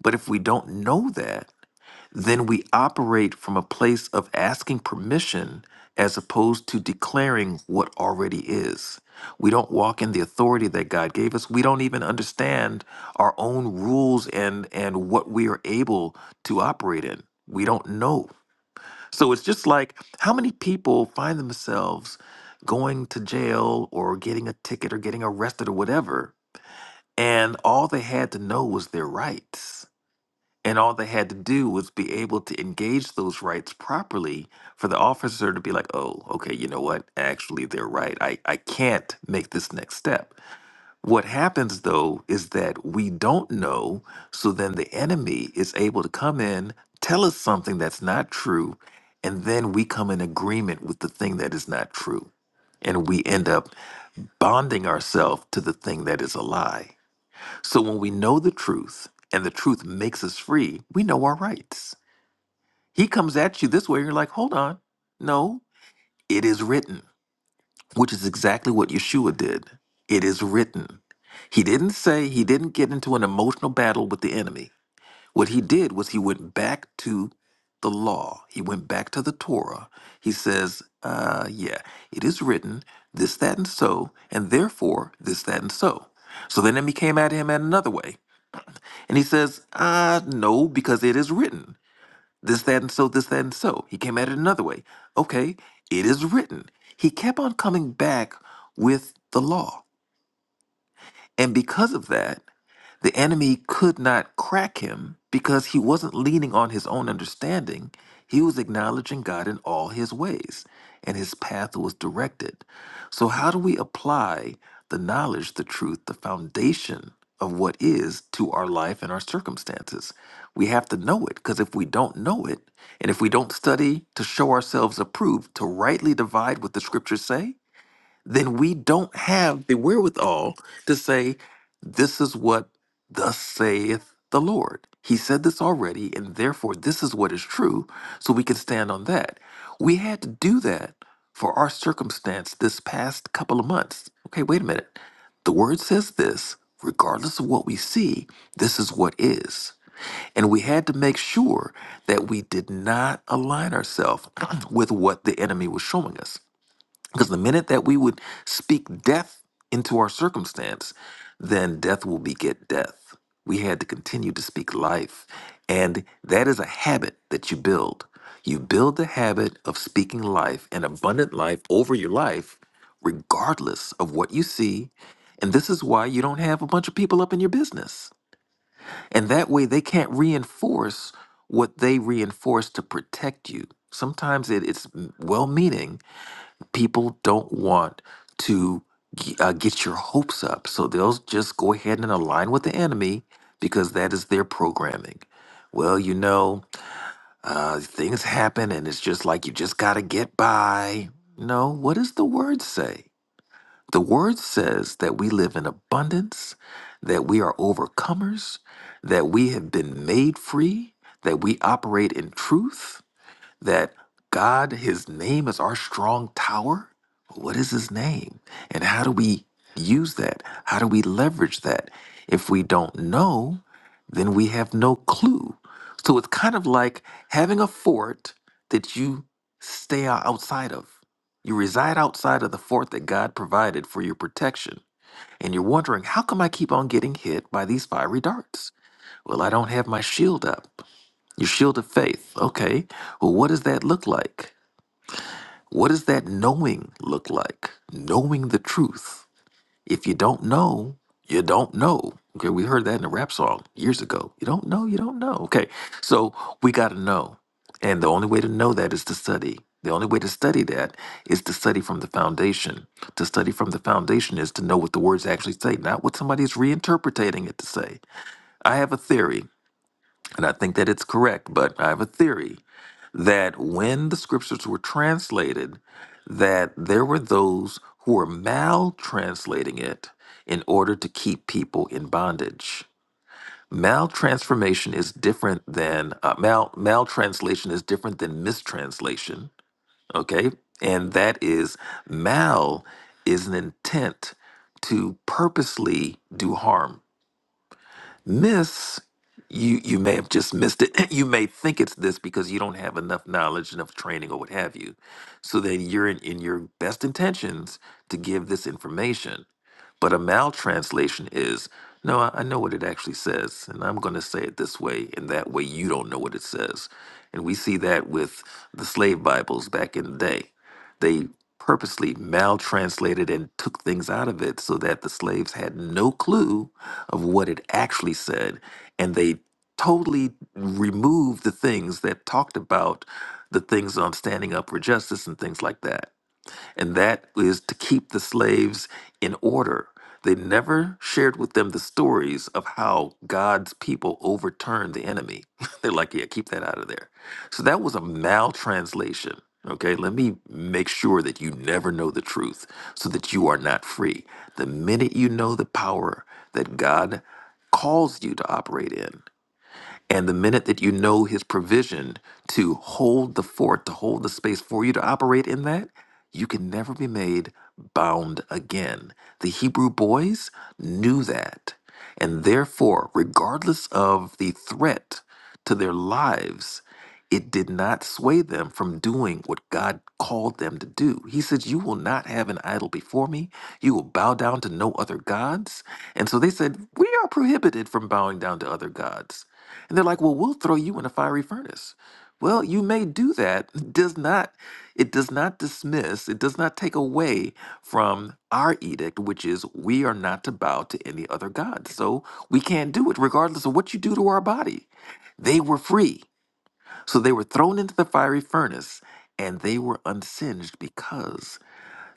But if we don't know that, then we operate from a place of asking permission as opposed to declaring what already is. We don't walk in the authority that God gave us. We don't even understand our own rules and and what we are able to operate in. We don't know. So it's just like how many people find themselves going to jail or getting a ticket or getting arrested or whatever and all they had to know was their rights and all they had to do was be able to engage those rights properly for the officer to be like, oh, okay, you know what? Actually, they're right. I, I can't make this next step. What happens though is that we don't know. So then the enemy is able to come in, tell us something that's not true, and then we come in agreement with the thing that is not true. And we end up bonding ourselves to the thing that is a lie. So when we know the truth and the truth makes us free, we know our rights. He comes at you this way, and you're like, hold on. No, it is written, which is exactly what Yeshua did. It is written. He didn't say he didn't get into an emotional battle with the enemy. What he did was he went back to the law, he went back to the Torah. He says, uh, yeah, it is written, this, that, and so, and therefore, this, that, and so. So then the enemy came at him in another way. And he says, uh, no, because it is written. This, that, and so, this, that, and so. He came at it another way. Okay, it is written. He kept on coming back with the law. And because of that, the enemy could not crack him because he wasn't leaning on his own understanding. He was acknowledging God in all his ways, and his path was directed. So, how do we apply the knowledge, the truth, the foundation of what is to our life and our circumstances? We have to know it because if we don't know it, and if we don't study to show ourselves approved, to rightly divide what the scriptures say, then we don't have the wherewithal to say, This is what thus saith the Lord. He said this already, and therefore this is what is true, so we can stand on that. We had to do that for our circumstance this past couple of months. Okay, wait a minute. The word says this, regardless of what we see, this is what is. And we had to make sure that we did not align ourselves with what the enemy was showing us. Because the minute that we would speak death into our circumstance, then death will beget death. We had to continue to speak life. And that is a habit that you build. You build the habit of speaking life and abundant life over your life, regardless of what you see. And this is why you don't have a bunch of people up in your business. And that way they can't reinforce what they reinforce to protect you. Sometimes it, it's well meaning, people don't want to g- uh, get your hopes up. So they'll just go ahead and align with the enemy because that is their programming. Well, you know, uh, things happen and it's just like you just got to get by. No, what does the word say? The word says that we live in abundance, that we are overcomers, that we have been made free, that we operate in truth that God, His name is our strong tower. What is His name? And how do we use that? How do we leverage that? If we don't know, then we have no clue. So it's kind of like having a fort that you stay o- outside of. You reside outside of the fort that God provided for your protection. And you're wondering, how come I keep on getting hit by these fiery darts? Well, I don't have my shield up. Your shield of faith. Okay. Well, what does that look like? What does that knowing look like? Knowing the truth. If you don't know, you don't know. Okay. We heard that in a rap song years ago. You don't know, you don't know. Okay. So we got to know. And the only way to know that is to study. The only way to study that is to study from the foundation. To study from the foundation is to know what the words actually say, not what somebody's reinterpreting it to say. I have a theory, and I think that it's correct, but I have a theory that when the scriptures were translated, that there were those who were maltranslating it in order to keep people in bondage. Maltransformation is different than uh, mal maltranslation is different than mistranslation. Okay, and that is mal is an intent to purposely do harm miss you you may have just missed it you may think it's this because you don't have enough knowledge enough training or what have you so then you're in, in your best intentions to give this information but a maltranslation is no I, I know what it actually says and i'm going to say it this way and that way you don't know what it says and we see that with the slave bibles back in the day they purposely maltranslated and took things out of it so that the slaves had no clue of what it actually said. And they totally removed the things that talked about the things on standing up for justice and things like that and that is to keep the slaves in order. They never shared with them the stories of how God's people overturned the enemy. They're like, yeah, keep that out of there. So that was a maltranslation. Okay, let me make sure that you never know the truth so that you are not free. The minute you know the power that God calls you to operate in, and the minute that you know his provision to hold the fort, to hold the space for you to operate in that, you can never be made bound again. The Hebrew boys knew that. And therefore, regardless of the threat to their lives, it did not sway them from doing what God called them to do. He said, You will not have an idol before me. You will bow down to no other gods. And so they said, We are prohibited from bowing down to other gods. And they're like, well, we'll throw you in a fiery furnace. Well, you may do that. Does not it does not dismiss, it does not take away from our edict, which is we are not to bow to any other God. So we can't do it, regardless of what you do to our body. They were free. So they were thrown into the fiery furnace and they were unsinged because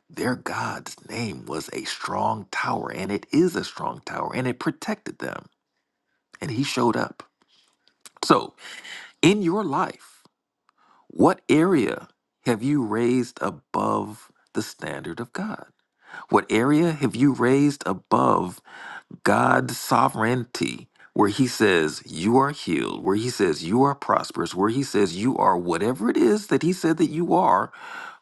their God's name was a strong tower, and it is a strong tower, and it protected them. And he showed up. So in your life. What area have you raised above the standard of God? What area have you raised above God's sovereignty, where He says you are healed, where He says you are prosperous, where He says you are whatever it is that He said that you are?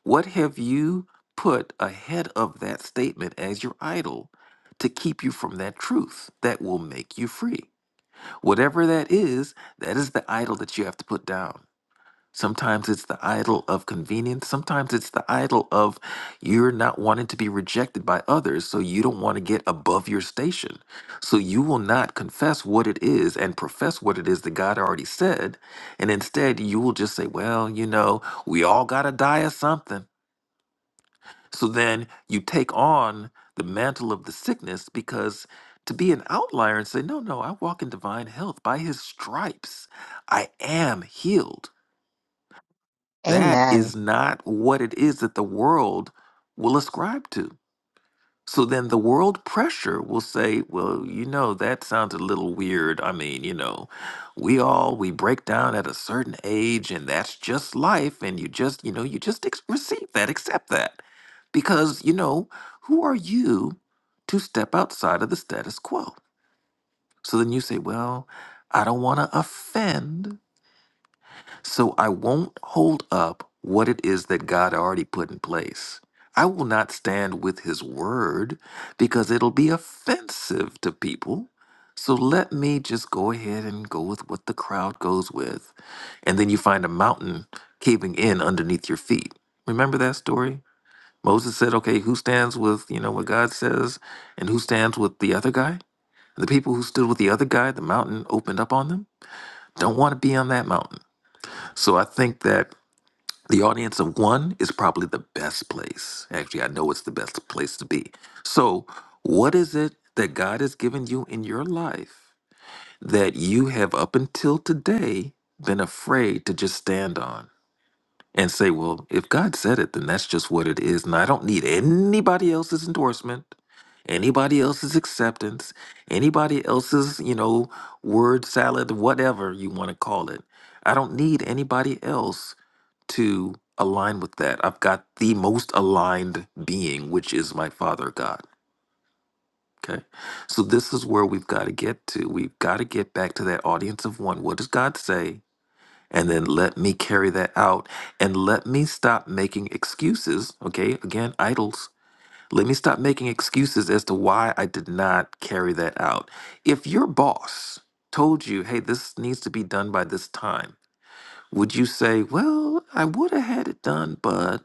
What have you put ahead of that statement as your idol to keep you from that truth that will make you free? Whatever that is, that is the idol that you have to put down. Sometimes it's the idol of convenience. Sometimes it's the idol of you're not wanting to be rejected by others, so you don't want to get above your station. So you will not confess what it is and profess what it is that God already said. And instead, you will just say, well, you know, we all got to die of something. So then you take on the mantle of the sickness because to be an outlier and say, no, no, I walk in divine health by his stripes, I am healed that
Amen.
is not what it is that the world will ascribe to. So then the world pressure will say, well, you know, that sounds a little weird. I mean, you know, we all we break down at a certain age and that's just life and you just, you know, you just ex- receive that, accept that. Because, you know, who are you to step outside of the status quo? So then you say, well, I don't want to offend so I won't hold up what it is that God already put in place. I will not stand with his word because it'll be offensive to people. So let me just go ahead and go with what the crowd goes with. And then you find a mountain caving in underneath your feet. Remember that story? Moses said, okay, who stands with, you know, what God says and who stands with the other guy? The people who stood with the other guy, the mountain opened up on them. Don't want to be on that mountain. So I think that the audience of one is probably the best place. Actually, I know it's the best place to be. So, what is it that God has given you in your life that you have up until today been afraid to just stand on and say, well, if God said it, then that's just what it is. And I don't need anybody else's endorsement, anybody else's acceptance, anybody else's, you know, word salad, whatever you want to call it. I don't need anybody else to align with that. I've got the most aligned being, which is my Father God. Okay. So this is where we've got to get to. We've got to get back to that audience of one. What does God say? And then let me carry that out and let me stop making excuses. Okay. Again, idols. Let me stop making excuses as to why I did not carry that out. If your boss told you, hey, this needs to be done by this time, would you say, well, I would have had it done, but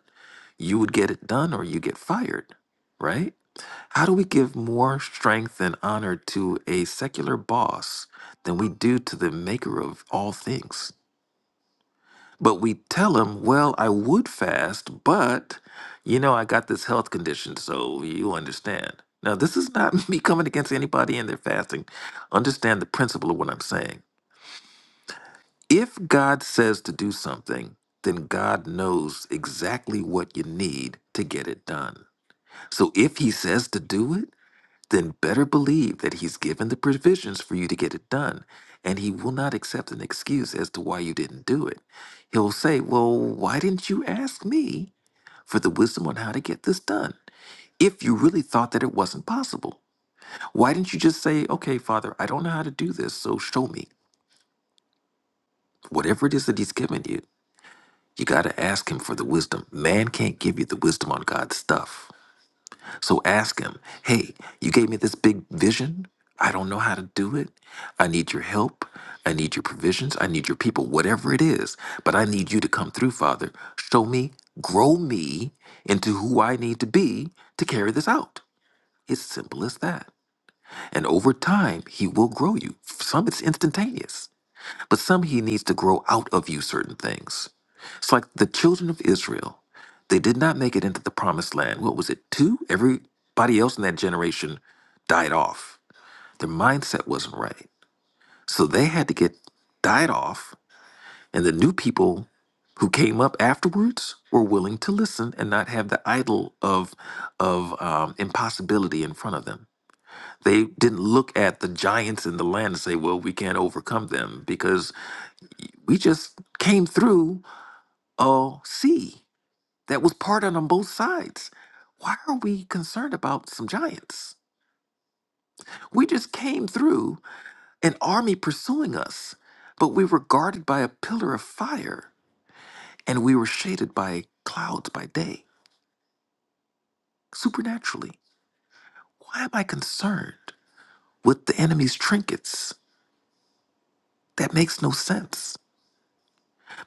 you would get it done or you get fired, right? How do we give more strength and honor to a secular boss than we do to the maker of all things? But we tell him, well, I would fast, but you know, I got this health condition, so you understand. Now, this is not me coming against anybody in their fasting. Understand the principle of what I'm saying If God says to do something, then God knows exactly what you need to get it done. So if He says to do it, then better believe that He's given the provisions for you to get it done. And He will not accept an excuse as to why you didn't do it. He'll say, Well, why didn't you ask me for the wisdom on how to get this done? If you really thought that it wasn't possible, why didn't you just say, Okay, Father, I don't know how to do this, so show me whatever it is that He's given you You got to ask him for the wisdom. Man can't give you the wisdom on God's stuff. So ask him, hey, you gave me this big vision. I don't know how to do it. I need your help. I need your provisions. I need your people, whatever it is. But I need you to come through, Father. Show me, grow me into who I need to be to carry this out. It's simple as that. And over time, He will grow you. Some it's instantaneous but some he needs to grow out of you certain things. It's like the children of Israel, they did not make it into the promised land. What was it, two? Everybody else in that generation died off. Their mindset wasn't right. So they had to get died off, and the new people who came up afterwards were willing to listen and not have the idol of of um, impossibility in front of them. They didn't look at the giants in the land and say, "Well, we can't overcome them," because we just came through a sea that was parted on both sides. Why are we concerned about some giants? We just came through an army pursuing us, but we were guarded by a pillar of fire and we were shaded by clouds by day, supernaturally. Why am I concerned with the enemy's trinkets? That makes no sense.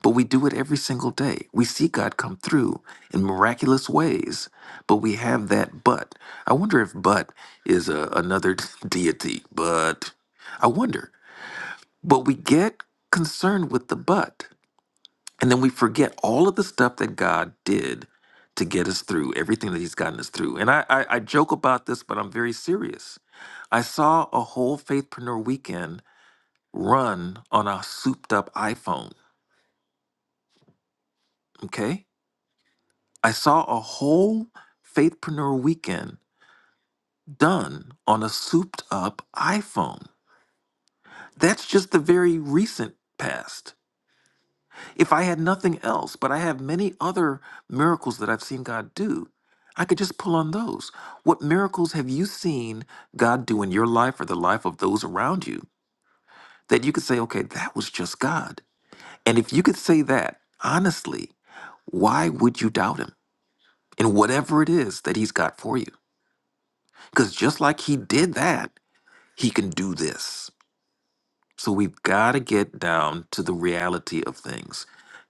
But we do it every single day. We see God come through in miraculous ways, but we have that but. I wonder if but is a, another deity, but I wonder. But we get concerned with the but, and then we forget all of the stuff that God did to get us through, everything that He's gotten us through. And I, I, I joke about this, but I'm very serious. I saw a whole Faithpreneur weekend run on a souped up iPhone, okay? I saw a whole Faithpreneur weekend done on a souped up iPhone. That's just the very recent past. If I had nothing else, but I have many other miracles that I've seen God do, I could just pull on those. What miracles have you seen God do in your life or the life of those around you that you could say, okay, that was just God? And if you could say that honestly, why would you doubt Him in whatever it is that He's got for you? Because just like he did that, he can do this. So we've got to get down to the reality of things.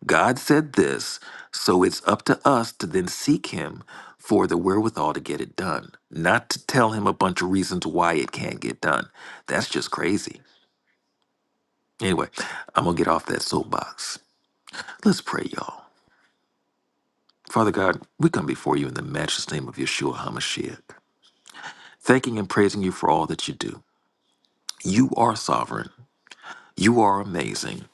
God said this, so it's up to us to then seek him for the wherewithal to get it done, not to tell him a bunch of reasons why it can't get done. That's just crazy. Anyway, I'm going to get off that soapbox. Let's pray, y'all. Father God, we come before you in the matchless name of Yeshua HaMashiach, thanking and praising you for all that you do. You are sovereign. You are amazing.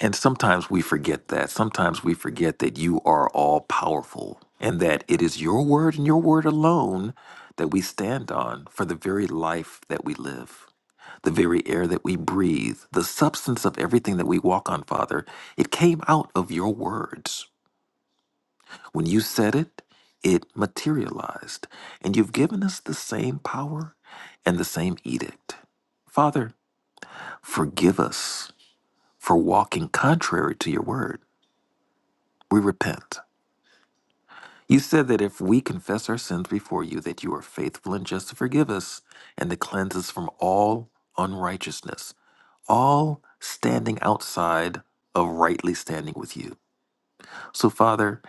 And sometimes we forget that. Sometimes we forget that you are all powerful and that it is your word and your word alone that we stand on for the very life that we live, the very air that we breathe, the substance of everything that we walk on, Father. It came out of your words. When you said it, it materialized. And you've given us the same power and the same edict. Father, forgive us for walking contrary to your word We repent. You said that if we confess our sins before you, that you are faithful and just to forgive us and to cleanse us from all unrighteousness, all standing outside of rightly standing with you. So, Father,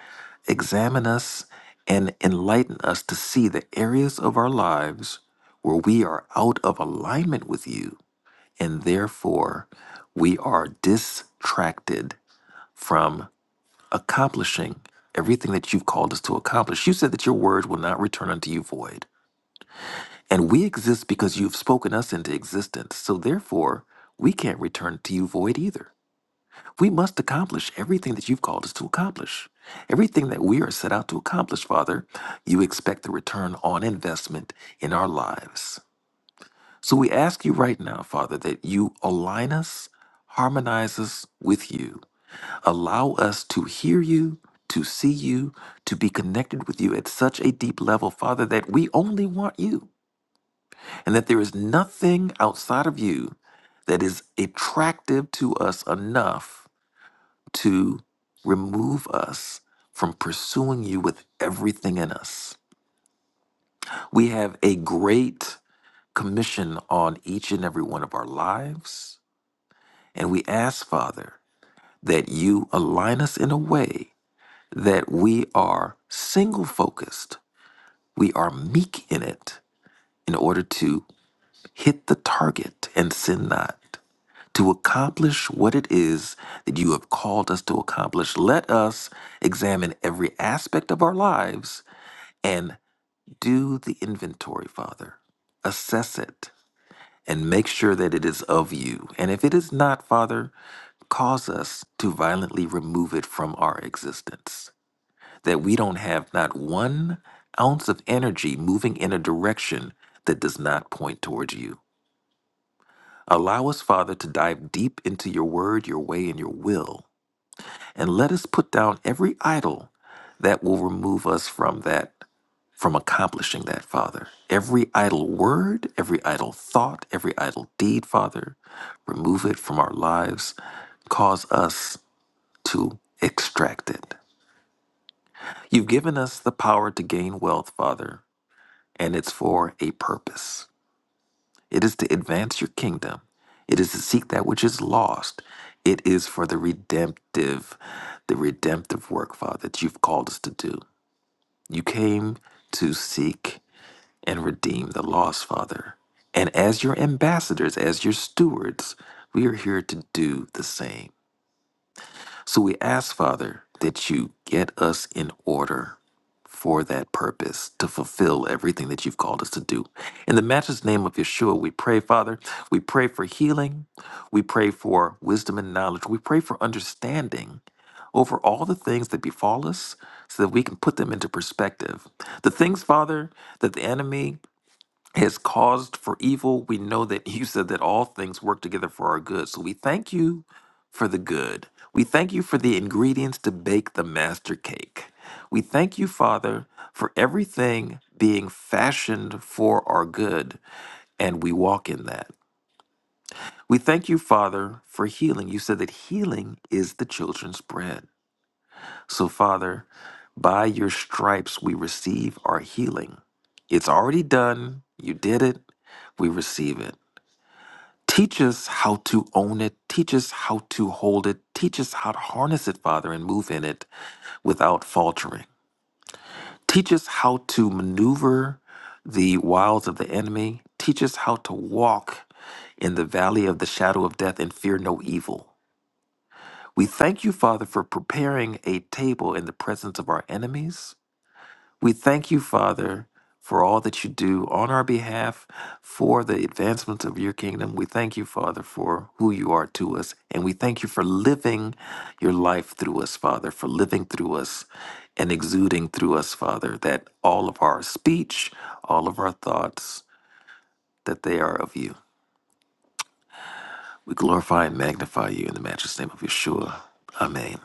examine us and enlighten us to see the areas of our lives where we are out of alignment with you, and therefore we are distracted from. accomplishing everything that you've called us to accomplish. You said that your word will not return unto you void. And we exist because you've spoken us into existence. So therefore, we can't return to you void either. We must accomplish everything that you've called us to accomplish. Everything that we are set out to accomplish, Father, you expect the return on investment in our lives. So we ask you right now, Father, that you align us, harmonize us with you, Allow us to hear you, to see you, to be connected with you at such a deep level, Father, that we only want you and that there is nothing outside of you that is attractive to us enough to remove us from pursuing you with everything in us. We have a great commission on each and every one of our lives, and we ask, Father, that you align us in a way that we are single focused, we are meek in it in order to hit the target and sin not. To accomplish what it is that you have called us to accomplish, let us examine every aspect of our lives and do the inventory, Father. Assess it and make sure that it is of you. And if it is not, Father, cause us to violently remove it from our existence. that we don't have not one ounce of energy moving in a direction that does not point towards you. Allow us, Father, to dive deep into your word, your way, and your will, and let us put down every idol that will remove us from that, from accomplishing that, Father. Every idle word, every idle thought, every idle deed, Father, remove it from our lives. Cause us to extract it. You've given us the power to gain wealth, Father. and it's for a purpose. It is to advance your kingdom, it is to seek that which is lost. It is for the redemptive, the redemptive work, Father, that you've called us to do. You came to seek and redeem the lost, Father. And as your ambassadors, as your stewards, we are here to do the same. So we ask, Father, that you get us in order for that purpose to fulfill everything that you've called us to do. In the matchless name of Yeshua, we pray, Father, we pray for healing, we pray for wisdom and knowledge, we pray for understanding over all the things that befall us so that we can put them into perspective. The things, Father, that the enemy has caused for evil, we know that you said that all things work together for our good. So we thank you for the good. We thank you for the ingredients to bake the master cake. We thank you, Father, for everything being fashioned for our good, and we walk in that. We thank you, Father, for healing. You said that healing is the children's bread. So, Father, by your stripes we receive our healing. It's already done. You did it. We receive it. Teach us how to own it. Teach us how to hold it. Teach us how to harness it, Father, and move in it without faltering. Teach us how to maneuver the wiles of the enemy. Teach us how to walk in the valley of the shadow of death and fear no evil. We thank you, Father, for preparing a table in the presence of our enemies. We thank you, Father, for all that you do on our behalf for the advancement of your kingdom. We thank you, Father, for who you are to us. And we thank you for living your life through us, Father, for living through us and exuding through us, Father, that all of our speech, all of our thoughts, that they are of you. We glorify and magnify you in the matchless name of Yeshua. Amen.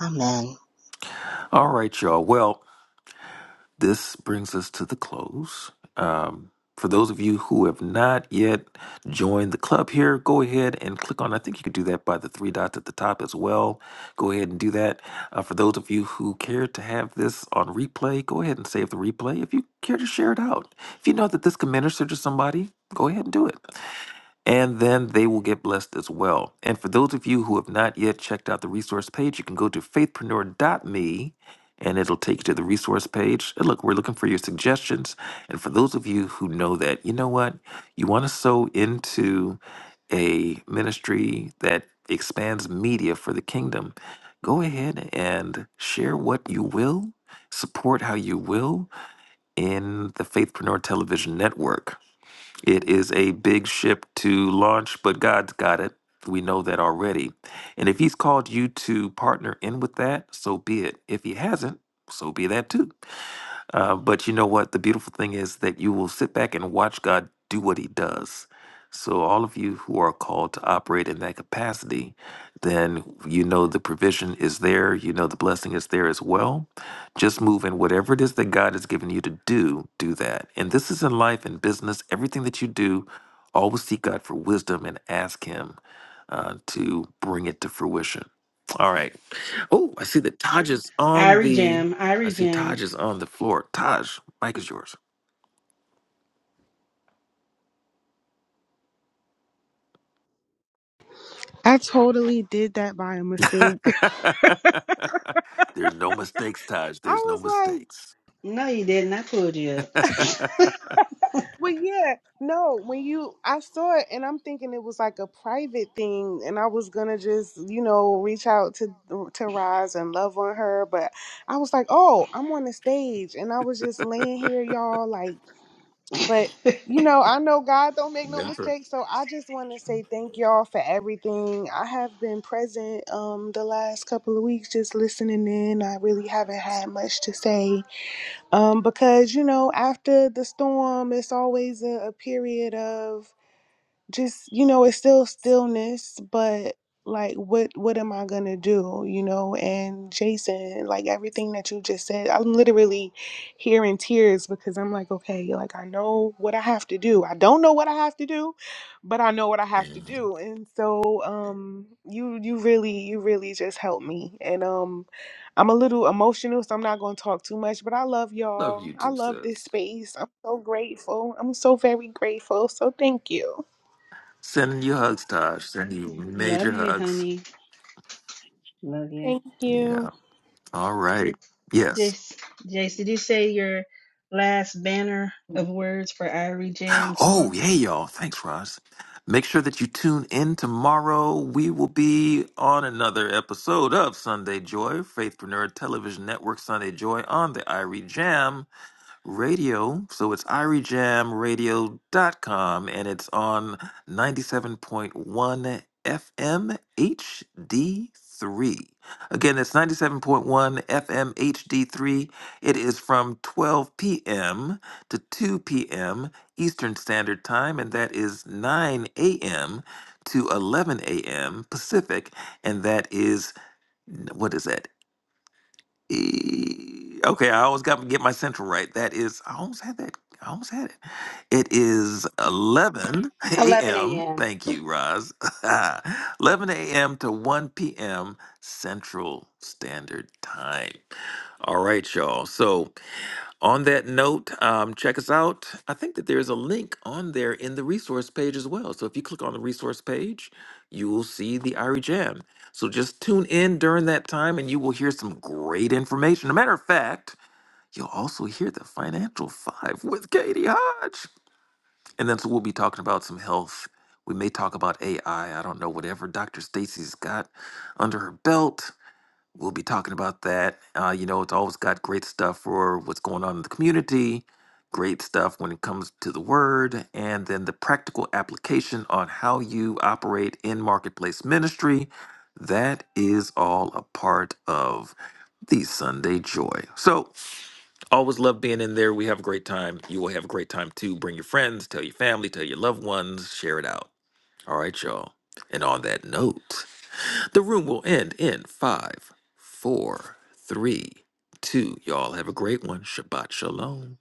Amen.
All right, y'all. Well, This brings us to the close. Um, for those of you who have not yet joined the club here, go ahead and click on. I think you could do that by the three dots at the top as well. Go ahead and do that. Uh, for those of you who care to have this on replay, go ahead and save the replay. If you care to share it out, if you know that this can minister to somebody, go ahead and do it and then they will get blessed as well. And for those of you who have not yet checked out the resource page, you can go to faithpreneur.me and it'll take you to the resource page. And look, we're looking for your suggestions. And for those of you who know that, you know what? You want to sow into a ministry that expands media for the kingdom, go ahead and share what you will, support how you will in the Faithpreneur Television Network. It is a big ship to launch, but God's got it. We know that already. And if He's called you to partner in with that, so be it. If He hasn't, so be that too. Uh, but you know what? The beautiful thing is that you will sit back and watch God do what He does. So, all of you who are called to operate in that capacity, then you know the provision is there. You know the blessing is there as well. Just move in whatever it is that God has given you to do, do that. And this is in life and business. Everything that you do, always seek God for wisdom and ask Him uh, to bring it to fruition. All right. Oh, I see that Taj is on
Irie
the
Jam,
I
Irie
see
Jam.
Taj is on the floor. Taj, mic is yours.
I totally did that by a mistake.
There's no mistakes, Taj.
I
There's no
was like,
mistakes.
No, you didn't. I pulled you
Never.
well, yeah, no, when you, I saw it and I'm thinking it was like a private thing and I was gonna just, you know, reach out to, uh, to Roz and love on her. But I was like, oh, I'm on the stage and I was just laying here, y'all, like, but
up.
you know, I know God don't make no mistakes. So I just want to say thank y'all for everything. I have been present, um, the last couple of weeks, just listening in. I really haven't had much to say um, because you know after the storm it's always a, a period of just you know it's still stillness but like what what am i gonna do you know and jason like everything that you just said i'm literally here in tears because i'm like okay like i know what i have to do i don't know what i have to do but i know what i have to
Mhm.
do and so um you you really you really just helped me and um i'm a little emotional so i'm not gonna talk too much but i love
Love
y'all
you
i
too,
love
sis.
this space i'm so grateful i'm so very grateful so thank you
Sending you hugs, Taj. Sending you
Love
major
you,
hugs.
honey. Love you.
Thank you.
Yeah. All right. Yes.
Jace, Jace, did you say your last banner of words for Irie Jam
Oh,
tomorrow?
yeah, y'all. Thanks, Roz. Make sure that you tune in tomorrow. We will be on another episode of Sunday Joy, Faithpreneur Television Network Sunday Joy on the IRE radio. So it's irijamradio.com and it's on 97.1 FM HD3. Again, it's 97.1 FM HD3. It is from 12 p.m. to 2 p.m. Eastern Standard Time, and that is 9 a.m. to 11 a.m. Pacific, and that is what is that? E- Okay, I always got to get my central right. That is, I almost had that. I almost had it. It is 11
Eleven
a.m.
a.m.
Thank you, Roz. 11 a.m. to 1 p.m. Central Standard Time. All right, y'all. So on that note, um, check us out. I think that there is a link on there in the resource page as well. So if you click on the resource page, you will see the Irie Jam. So just tune in during that time and you will hear some great information. a matter of fact, you'll also hear the Financial Five with Katie Hodge. And then so we'll be talking about some health. We may talk about AI. I I don't know, whatever Dr. Stacy's got under her belt. We'll be talking about that. Uh, you know, it's always got great stuff for what's going on in the community, great stuff when it comes to the word, and then the practical application on how you operate in marketplace ministry. That is all a part of the Sunday joy. So, always love being in there. We have a great time. You will have a great time too. Bring your friends, tell your family, tell your loved ones, share it out. All right, y'all. And on that note, the room will end in five, four, three, two. Y'all have a great one. Shabbat shalom.